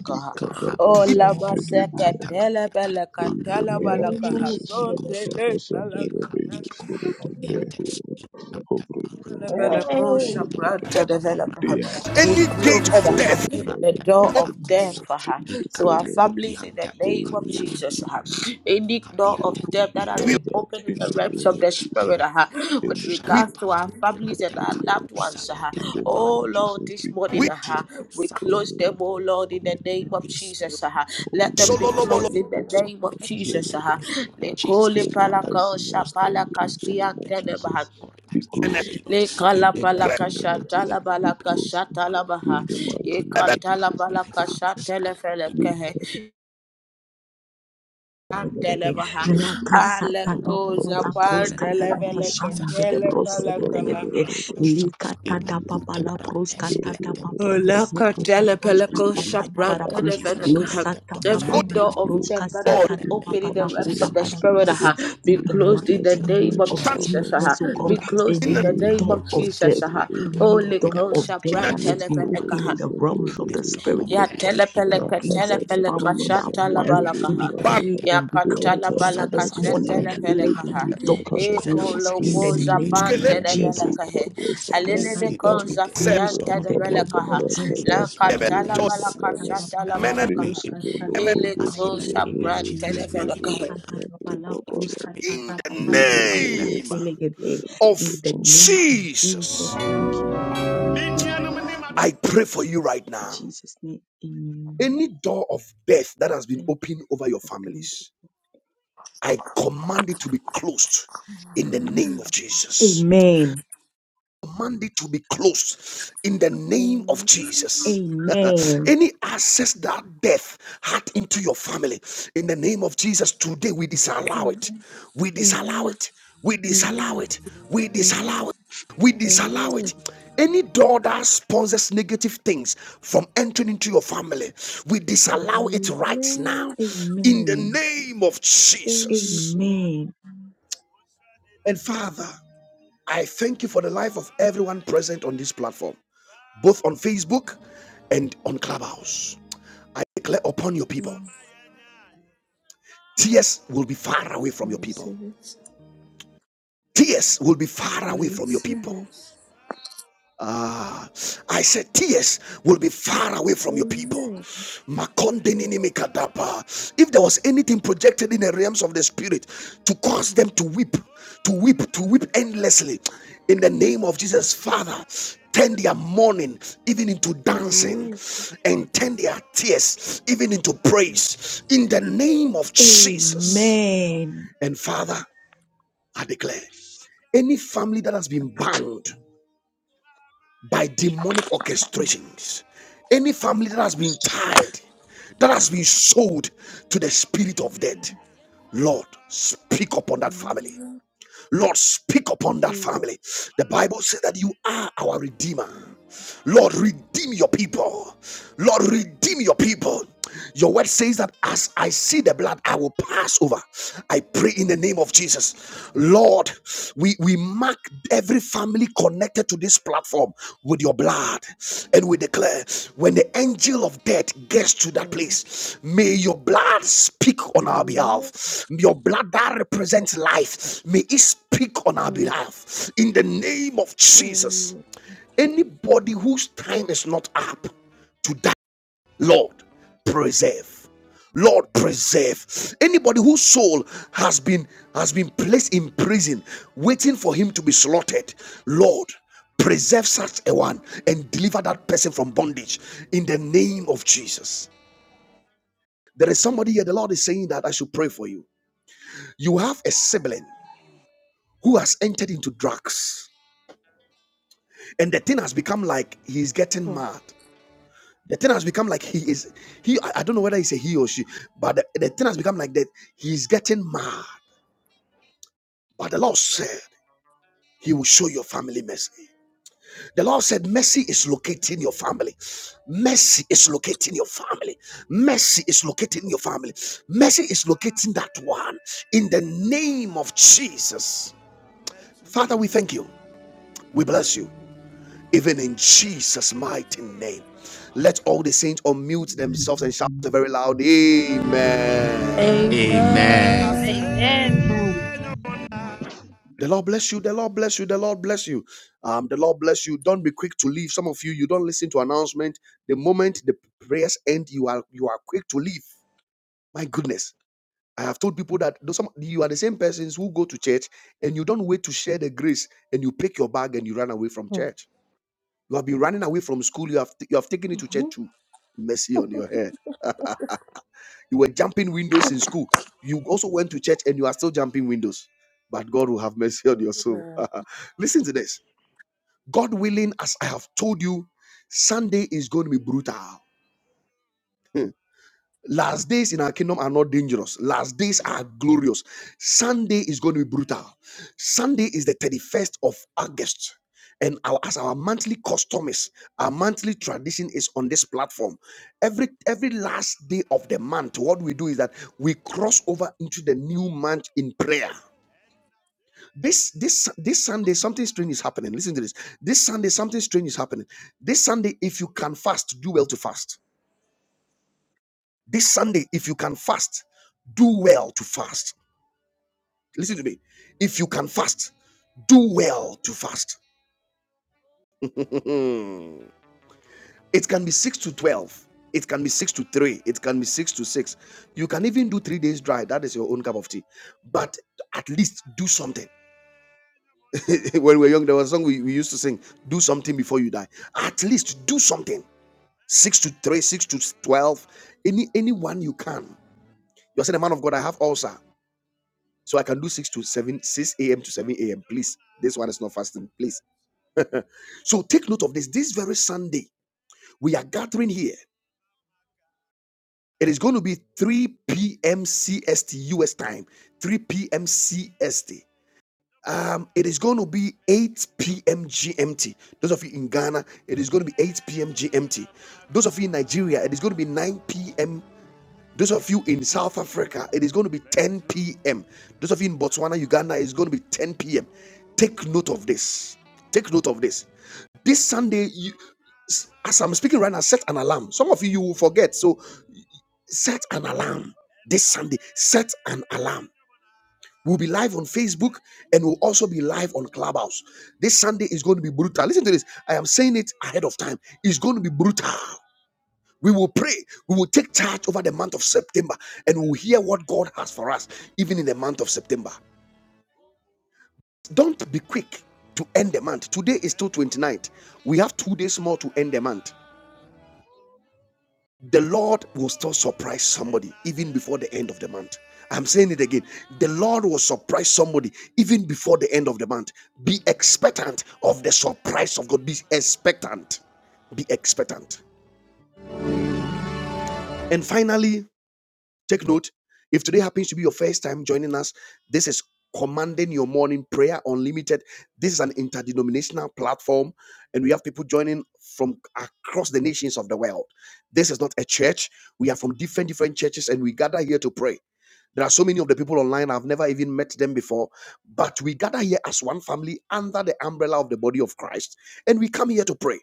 Speaker 4: Yes,
Speaker 5: Oh,
Speaker 6: us
Speaker 4: yes, yes, yes,
Speaker 5: lama
Speaker 6: the remove our
Speaker 5: seke
Speaker 4: yes, yes,
Speaker 6: cover.
Speaker 4: yes.
Speaker 5: tele bele
Speaker 6: Pray in the
Speaker 4: Yes,
Speaker 6: name of
Speaker 4: yes, yes,
Speaker 6: Jesus,
Speaker 5: So
Speaker 4: yes, yes,
Speaker 6: Lord,
Speaker 4: yes, yes.
Speaker 6: cover
Speaker 5: tele
Speaker 6: us under the veil, spirit of
Speaker 4: yes, yes,
Speaker 6: death, O Lord, hovering
Speaker 5: We
Speaker 6: around our family,
Speaker 5: close
Speaker 6: O
Speaker 5: uh,
Speaker 6: Lord. Today I
Speaker 4: yes,
Speaker 1: any
Speaker 6: pray,
Speaker 1: gate of
Speaker 6: O
Speaker 1: death
Speaker 6: Lord, by the
Speaker 5: the door
Speaker 6: mighty
Speaker 5: of
Speaker 6: name
Speaker 5: death
Speaker 6: of
Speaker 5: uh,
Speaker 6: Jesus,
Speaker 5: to
Speaker 6: O
Speaker 5: our
Speaker 3: Ikate
Speaker 6: Lord,
Speaker 5: families in the
Speaker 3: kotiante
Speaker 5: name of
Speaker 3: kokadia,
Speaker 6: oh,
Speaker 5: Jesus.
Speaker 6: be
Speaker 5: uh.
Speaker 3: ikate
Speaker 6: moved,
Speaker 5: Any door of
Speaker 3: kadiate,
Speaker 6: oh,
Speaker 5: death
Speaker 6: be
Speaker 5: that has
Speaker 1: we
Speaker 6: dried
Speaker 5: been
Speaker 6: out
Speaker 5: opened in
Speaker 6: in
Speaker 5: the
Speaker 6: the
Speaker 5: realms
Speaker 6: name
Speaker 5: of
Speaker 6: of
Speaker 5: the Spirit
Speaker 6: Jesus.
Speaker 5: uh,
Speaker 6: In
Speaker 5: with
Speaker 6: the
Speaker 1: we
Speaker 6: name
Speaker 5: regards to our
Speaker 6: of
Speaker 5: families
Speaker 6: the
Speaker 5: and our loved
Speaker 6: Lord,
Speaker 5: ones. uh.
Speaker 6: in the name
Speaker 5: Oh
Speaker 6: of
Speaker 5: Lord,
Speaker 6: Jesus,
Speaker 5: this
Speaker 6: be
Speaker 5: morning
Speaker 1: we
Speaker 6: closed.
Speaker 5: uh, we
Speaker 6: Oh,
Speaker 5: close them, oh Lord, in the name of Jesus. uh.
Speaker 6: Oh
Speaker 5: Let them
Speaker 6: Lord,
Speaker 5: be
Speaker 6: that
Speaker 3: because
Speaker 6: is
Speaker 1: sololobolo
Speaker 5: closed
Speaker 3: any
Speaker 6: the
Speaker 5: in the
Speaker 3: dogs of
Speaker 6: open
Speaker 5: name
Speaker 6: to
Speaker 5: of
Speaker 3: death
Speaker 6: us,
Speaker 3: in
Speaker 6: oh
Speaker 5: Jesus.
Speaker 3: the
Speaker 5: uh.
Speaker 6: Lord,
Speaker 3: name of
Speaker 6: that is
Speaker 3: Jesus, Father, we
Speaker 6: pluralizing our
Speaker 3: close the
Speaker 6: family in
Speaker 3: dogs
Speaker 6: the
Speaker 3: of
Speaker 6: name of
Speaker 3: death on
Speaker 6: Jesus.
Speaker 3: our
Speaker 6: Be
Speaker 3: lives in
Speaker 1: and a
Speaker 3: the
Speaker 6: closed
Speaker 3: name of
Speaker 5: Le
Speaker 3: Jesus.
Speaker 6: in the
Speaker 3: Any
Speaker 6: mighty
Speaker 3: dog
Speaker 1: great
Speaker 5: kalapalaka
Speaker 3: that
Speaker 6: name
Speaker 3: has
Speaker 6: of
Speaker 3: been
Speaker 5: shatala
Speaker 6: Jesus. Be
Speaker 5: balaka
Speaker 3: opened
Speaker 6: closed
Speaker 3: for
Speaker 5: shatala baha.
Speaker 6: in the
Speaker 3: us to
Speaker 5: Ye
Speaker 6: mighty
Speaker 1: level.
Speaker 6: name of
Speaker 3: afflict I
Speaker 5: katala
Speaker 6: Jesus.
Speaker 3: and
Speaker 6: Be
Speaker 3: my
Speaker 5: balaka
Speaker 6: closed.
Speaker 3: family,
Speaker 5: shatele
Speaker 3: Father, in
Speaker 6: Be cut in
Speaker 5: felekehe.
Speaker 3: the name
Speaker 6: the
Speaker 8: Bedeke,
Speaker 5: Antele
Speaker 3: of
Speaker 5: baha.
Speaker 6: name of
Speaker 3: Jesus,
Speaker 6: Jesus.
Speaker 8: Rakasata
Speaker 3: Lord,
Speaker 6: Be
Speaker 5: Aleko
Speaker 8: Baba
Speaker 3: in
Speaker 6: covered
Speaker 3: the
Speaker 6: under
Speaker 8: Proska
Speaker 5: zapanda
Speaker 3: name
Speaker 4: yes,
Speaker 6: the
Speaker 3: of
Speaker 4: yes,
Speaker 6: blood.
Speaker 8: Tadamashan
Speaker 5: leveleke
Speaker 3: Jesus,
Speaker 8: Bede
Speaker 5: tele palakaha.
Speaker 3: Rakatosha,
Speaker 8: Likata
Speaker 3: Ilakute,
Speaker 8: Dababala Proska
Speaker 3: Rakate.
Speaker 4: yes.
Speaker 3: Let the door
Speaker 6: that
Speaker 8: Tadabaman
Speaker 3: of
Speaker 6: has
Speaker 8: Soto
Speaker 6: been
Speaker 5: Olaka
Speaker 3: death be
Speaker 5: tele
Speaker 6: open to
Speaker 3: closed
Speaker 6: do.
Speaker 5: peleko
Speaker 3: in the
Speaker 5: shapra
Speaker 3: name
Speaker 6: I
Speaker 3: of
Speaker 5: tele
Speaker 3: Jesus.
Speaker 6: command you
Speaker 3: Let
Speaker 5: velekaha.
Speaker 3: the
Speaker 8: Losata
Speaker 3: doors of
Speaker 1: Good
Speaker 5: Every
Speaker 6: that
Speaker 4: Amen.
Speaker 6: be
Speaker 8: Dababala
Speaker 3: death
Speaker 5: door of
Speaker 6: closed
Speaker 5: death
Speaker 8: Proska
Speaker 5: that
Speaker 3: in
Speaker 5: has
Speaker 1: Lord,
Speaker 5: been
Speaker 6: in
Speaker 3: the
Speaker 6: the
Speaker 3: name
Speaker 5: opened in
Speaker 3: of
Speaker 5: the
Speaker 8: Satanabala
Speaker 6: mighty
Speaker 5: realms
Speaker 8: Kuda
Speaker 3: Jesus.
Speaker 6: name
Speaker 5: of the
Speaker 6: of
Speaker 3: And
Speaker 5: spirit,
Speaker 6: Jesus.
Speaker 8: Barabede,
Speaker 5: aha, be
Speaker 8: in the
Speaker 3: door
Speaker 5: closed
Speaker 3: with
Speaker 5: in
Speaker 3: the
Speaker 6: Recover
Speaker 5: the
Speaker 8: mighty
Speaker 3: blood
Speaker 5: name
Speaker 6: Sunday,
Speaker 3: of
Speaker 8: name
Speaker 5: of
Speaker 8: of
Speaker 1: stand
Speaker 3: Jesus.
Speaker 6: Baba,
Speaker 5: Jesus.
Speaker 3: We
Speaker 5: aha.
Speaker 8: Jesus, O
Speaker 3: seal
Speaker 5: Be
Speaker 8: God,
Speaker 3: that
Speaker 6: Nadiwanda.
Speaker 3: door
Speaker 5: closed
Speaker 1: in
Speaker 5: in
Speaker 3: with
Speaker 1: the
Speaker 8: any
Speaker 5: the
Speaker 3: the blood
Speaker 5: name
Speaker 8: door
Speaker 3: of
Speaker 5: of
Speaker 8: of
Speaker 6: Recover
Speaker 3: Jesus.
Speaker 5: Jesus.
Speaker 8: death,
Speaker 6: Sunday,
Speaker 5: aha.
Speaker 3: Seal that
Speaker 8: any
Speaker 6: Baba,
Speaker 3: door
Speaker 5: Holy
Speaker 3: with
Speaker 8: door
Speaker 3: the
Speaker 8: of
Speaker 5: Ghost,
Speaker 6: Baba.
Speaker 3: blood of
Speaker 8: death
Speaker 5: Shabra,
Speaker 8: that
Speaker 3: Jesus.
Speaker 8: has been opened
Speaker 3: One can
Speaker 6: Recover
Speaker 8: in
Speaker 5: Televelekaha.
Speaker 8: the
Speaker 3: be
Speaker 6: Sunday,
Speaker 8: realms
Speaker 3: in
Speaker 8: of
Speaker 6: Baba,
Speaker 3: the
Speaker 8: the
Speaker 3: door
Speaker 8: Spirit,
Speaker 3: of
Speaker 5: Ya
Speaker 8: O God,
Speaker 3: death in our
Speaker 5: telepeleka
Speaker 8: against
Speaker 6: Recover
Speaker 8: that
Speaker 3: families
Speaker 6: the
Speaker 3: in
Speaker 8: family,
Speaker 5: telepeleka
Speaker 6: Baba
Speaker 3: the name
Speaker 8: loved
Speaker 3: of
Speaker 5: shata la
Speaker 6: Sunday,
Speaker 8: ones.
Speaker 6: Baba,
Speaker 3: Jesus.
Speaker 8: We
Speaker 3: We
Speaker 5: balakaha.
Speaker 1: bar-
Speaker 3: could
Speaker 8: decree
Speaker 3: to
Speaker 5: Ya
Speaker 8: and
Speaker 3: the
Speaker 8: declare,
Speaker 5: katala
Speaker 3: deacon, son
Speaker 6: Recover
Speaker 8: Father,
Speaker 3: of
Speaker 5: balaka
Speaker 8: this
Speaker 6: Baba
Speaker 5: shata
Speaker 8: morning,
Speaker 3: By
Speaker 5: la
Speaker 3: the
Speaker 6: Sunday,
Speaker 8: let
Speaker 3: blood of
Speaker 8: that
Speaker 5: velekaha.
Speaker 3: the
Speaker 8: door
Speaker 3: Lord
Speaker 8: be
Speaker 5: E
Speaker 6: Baba,
Speaker 3: Jesus,
Speaker 8: closed
Speaker 3: I
Speaker 8: in the
Speaker 5: kolopo
Speaker 3: seal it
Speaker 8: name
Speaker 5: zapan
Speaker 3: with
Speaker 1: skele-
Speaker 8: of
Speaker 3: any door
Speaker 8: Jesus.
Speaker 3: of
Speaker 5: televelekahe.
Speaker 3: death. I
Speaker 8: Let
Speaker 5: Halilele
Speaker 8: that
Speaker 3: seal
Speaker 8: door
Speaker 3: it
Speaker 5: ko
Speaker 8: be
Speaker 3: with the
Speaker 1: se-
Speaker 3: any
Speaker 5: zafia
Speaker 8: closed
Speaker 3: door
Speaker 8: in
Speaker 3: of
Speaker 8: the
Speaker 3: death.
Speaker 8: name of
Speaker 5: televelekaha.
Speaker 3: I
Speaker 8: Jesus.
Speaker 3: any
Speaker 5: La
Speaker 3: spirit
Speaker 1: level
Speaker 3: of
Speaker 8: Let that
Speaker 5: katala
Speaker 3: death,
Speaker 1: to
Speaker 3: seal
Speaker 5: balaka
Speaker 8: kada
Speaker 3: this
Speaker 5: shata la
Speaker 8: papa
Speaker 3: blood.
Speaker 8: la
Speaker 1: men and
Speaker 3: May
Speaker 5: balakaha.
Speaker 3: it
Speaker 8: bruska ta
Speaker 1: women.
Speaker 8: ta
Speaker 5: Ele
Speaker 3: us
Speaker 8: bana
Speaker 3: in
Speaker 5: ko
Speaker 3: the name
Speaker 8: libre.
Speaker 3: of
Speaker 5: sapran
Speaker 8: Let
Speaker 3: Jesus. May
Speaker 8: that
Speaker 3: it by
Speaker 5: televelekahe.
Speaker 8: kada
Speaker 3: us
Speaker 8: papa
Speaker 3: in the
Speaker 8: la
Speaker 3: name of Jesus.
Speaker 8: bruska
Speaker 3: May
Speaker 8: ta
Speaker 3: it by
Speaker 1: in
Speaker 8: ta
Speaker 1: the
Speaker 8: papa
Speaker 3: us, my family
Speaker 8: sa
Speaker 1: name
Speaker 3: members.
Speaker 8: selegete. In
Speaker 1: of
Speaker 8: the
Speaker 3: Jesus.
Speaker 8: name of Jesus,
Speaker 1: Jesus.
Speaker 8: thank you. Lord.
Speaker 6: Jesus.
Speaker 1: I
Speaker 8: In
Speaker 1: pray for you right now.
Speaker 8: Jesus' name, amen.
Speaker 1: Any door of death that has been
Speaker 8: Thank
Speaker 1: opened
Speaker 8: you.
Speaker 1: over your
Speaker 8: Father. Thank you.
Speaker 1: families, I command it to be closed
Speaker 7: Ah,
Speaker 1: in the name of
Speaker 7: ah,
Speaker 1: Jesus.
Speaker 8: Amen.
Speaker 1: command it to be closed in the
Speaker 7: ah,
Speaker 1: name of
Speaker 7: Amen.
Speaker 1: Jesus.
Speaker 8: Amen.
Speaker 1: <laughs> Any access that death had into your family, in the name of Jesus, today we disallow it. We disallow
Speaker 7: Amen.
Speaker 1: it. We disallow
Speaker 7: Amen.
Speaker 1: it. We
Speaker 7: Amen. Amen.
Speaker 1: disallow it. We disallow
Speaker 7: Amen.
Speaker 1: it. Any door that sponsors negative things from entering into your family, we disallow it right
Speaker 7: Amen.
Speaker 1: now in the
Speaker 8: Amen.
Speaker 1: name of
Speaker 7: Amen.
Speaker 1: Jesus.
Speaker 8: Amen.
Speaker 1: And Father, I thank you for the life of everyone present on this platform both on Facebook and on Clubhouse. I declare upon your
Speaker 7: I
Speaker 1: people, tears will be far away from your people.
Speaker 7: receive it.
Speaker 1: Tears will be far
Speaker 7: I
Speaker 1: away from your
Speaker 7: receive
Speaker 1: people.
Speaker 7: it.
Speaker 1: Ah, I said, tears will be far away from your people.
Speaker 7: Amen.
Speaker 1: Makonde nini mikadapa. If there was anything projected in the realms of the spirit to cause them to weep, to weep, to weep endlessly, in the name of Jesus, Father, turn their mourning even into dancing
Speaker 7: Amen.
Speaker 1: and turn their tears even into
Speaker 7: Amen.
Speaker 1: praise in the name of Jesus.
Speaker 8: Amen.
Speaker 1: And Father, I declare any family that has been bound by demonic orchestrations. Any family that has been tied, that has been sold to the spirit of
Speaker 7: Amen.
Speaker 1: death, Lord, speak upon that family.
Speaker 7: Amen.
Speaker 1: Lord, speak upon that
Speaker 7: Amen.
Speaker 1: family. The Bible says that you are our Redeemer. Lord, redeem your people. Lord, redeem your people. Your word says that as I see the blood, I will pass over. I pray in the name of Jesus. Lord, we, we mark every family connected to this platform with your blood. And we declare when the angel of death gets to that place, may your blood speak on our behalf. Your blood that represents life, may it speak on our behalf. In the name of Jesus,
Speaker 7: Amen.
Speaker 1: anybody whose time is not up, to die. Lord, preserve. Lord, preserve anybody whose soul has been has been placed in prison, waiting for him to be slaughtered. Lord, preserve such a one and deliver that person from bondage in the name of Jesus. There is somebody here. The Lord is saying that I should pray for you. You have a sibling who has entered into drugs, and the thing has become like he's getting mad. The thing has become like he is he. I I don't know whether it's a he or she, but the, the thing has become like that. He's getting mad. But the Lord said he will show your family mercy. The Lord said, Mercy is locating your family. Mercy is locating your family. Mercy is locating your family. Mercy is locating that one in the name of Jesus. Father, we thank you. We bless you. even in Jesus' mighty name. Let all the saints unmute themselves and shout a very loud
Speaker 2: Amen.
Speaker 1: Amen.
Speaker 3: Amen.
Speaker 5: Amen.
Speaker 9: Amen.
Speaker 10: Amen.
Speaker 1: The Lord bless you. The Lord bless you. The Lord bless you. Um, the Lord bless you. Don't be quick to leave. Some of you, you don't listen to announcement. The moment the prayers end, you are you are quick to leave. My goodness. I have told people that those- some, you are the same persons who go to church and you don't wait to share the grace and you pick your bag and you run away from church. You have been running away from school. You have you have taken it to church too. Mercy on your head. <laughs> you were jumping windows in school. You also went to church and you are still jumping windows. But God will have mercy on your soul.
Speaker 7: Amen.
Speaker 1: <laughs> Listen to this. God willing, as I have told you, Sunday is going to be brutal. <laughs> Last days in our kingdom are not dangerous. Last days are glorious. Sunday is going to be brutal. Sunday is the 31st of August. And our, as our monthly custom is, our monthly tradition is on this platform. Every every last day of the month, what we do is that we cross over into the new month in prayer. This this this Sunday, something strange is happening. Listen to this. This Sunday, something strange is happening. This Sunday, if you can fast, do well to fast this Sunday, if you can fast, do well to fast. Listen to me. If you can fast, do well to fast. <laughs> it can be 6 to 12. It can be 6 to 3. It can be 6 to 6. You can even do three days dry. That is your own cup of tea. But at least do something. <laughs> when we were young, there was a song we, we used to sing do something before you die. At least do something. 6 to 3, 6 to 12. Any Anyone you can. You're saying, the man of God, I have ulcer. So I can do 6 to 7, 6 a.m. to 7 a.m. Please. This one is not fasting. Please. So take note of this. This very Sunday, we are gathering here. It is going to be 3 p.m. CST US time. 3 p.m. CST. Um, it is going to be 8 p.m. GMT. Those of you in Ghana, it is going to be 8 p.m. GMT. Those of you in Nigeria, it is going to be 9 p.m. Those of you in South Africa, it is going to be 10 p.m. Those of you in Botswana, Uganda, it's going to be 10 p.m. Take note of this. Take note of this. This Sunday, you, as I'm speaking right now, set an alarm. Some of you, you will forget. So set an alarm this Sunday. Set an alarm. We'll be live on Facebook and we'll also be live on Clubhouse. This Sunday is going to be brutal. Listen to this. I am saying it ahead of time. It's going to be brutal. We will pray. We will take charge over the month of September and we'll hear what God has for us, even in the month of September. Don't be quick to end the month. Today is still twenty ninth. We have two days more to end the month. The Lord will still surprise somebody even before the end of the month. I'm saying it again. The Lord will surprise somebody even before the end of the month. Be expectant of the surprise of God. Be expectant. Be expectant. And finally, Take note, if today happens to be your first time joining us, this is Commanding Your Morning Prayer Unlimited. This is an interdenominational platform, and we have people joining from across the nations of the world. This is not a church. We are from different, different churches, and we gather here to pray. There are so many of the people online, I've never even met them before. But we gather here as one family under the umbrella of the body of Christ, and we come here to pray.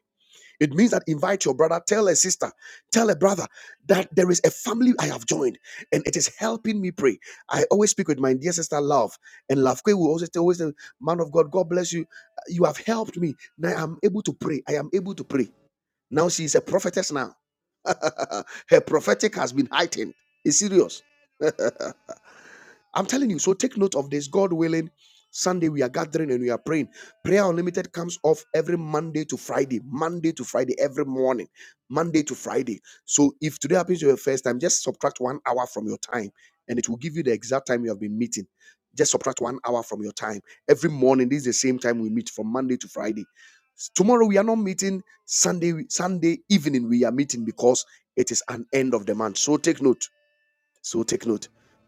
Speaker 1: It means that invite your brother, tell a sister, tell a brother that there is a family I have joined and it is helping me pray. I always speak with my dear sister Love, and Love Kwe will always tell, always tell, man of God, God bless you. You have helped me. Now I am able to pray. I am able to pray. Now she is a prophetess now. <laughs> Her prophetic has been heightened. It's serious. I'm telling you. So take note of this. God willing, Sunday we are gathering and we are praying. Prayer Unlimited comes off every Monday to Friday, Monday to Friday, every morning, Monday to Friday. So if today happens to your first time, just subtract one hour from your time and it will give you the exact time you have been meeting. Just subtract one hour from your time. Every morning, this is the same time we meet from Monday to Friday. Tomorrow we are not meeting. Sunday, Sunday evening we are meeting because it is an end of the month. So take note. So take note.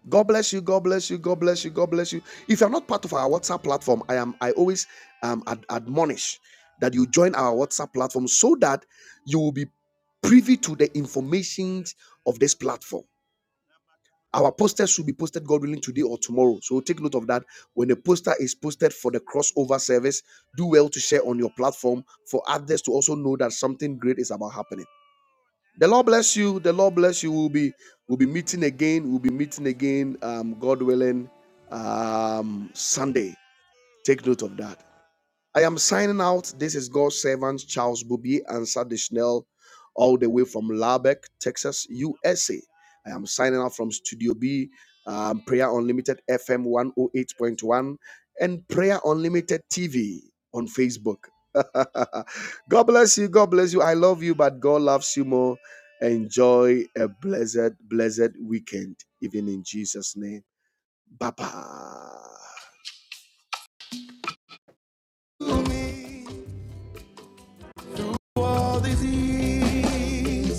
Speaker 1: God bless you. God bless you. God bless you. God bless you. If you're not part of our WhatsApp platform, I am. I always um, ad- admonish that you join our WhatsApp platform so that you will be privy to the information of this platform. Our poster should be posted, God willing, today or tomorrow. So take note of that. When the poster is posted for the crossover service, do well to share on your platform for others to also know that something great is about happening. The Lord bless you. The Lord bless you. We'll be we'll be meeting again. We'll be meeting again. Um, God willing, um, Sunday. Take note of that. I am signing out. This is God's servant Charles Bobby and Sadie Schnell, all the way from Lubbock, Texas, USA. I am signing out from Studio B, um, Prayer Unlimited FM 108.1, and Prayer Unlimited TV on Facebook. <laughs> God bless you. God bless you. I love you, but God loves you more. Enjoy a blessed, blessed weekend, even in Jesus' name. Bye bye. all disease.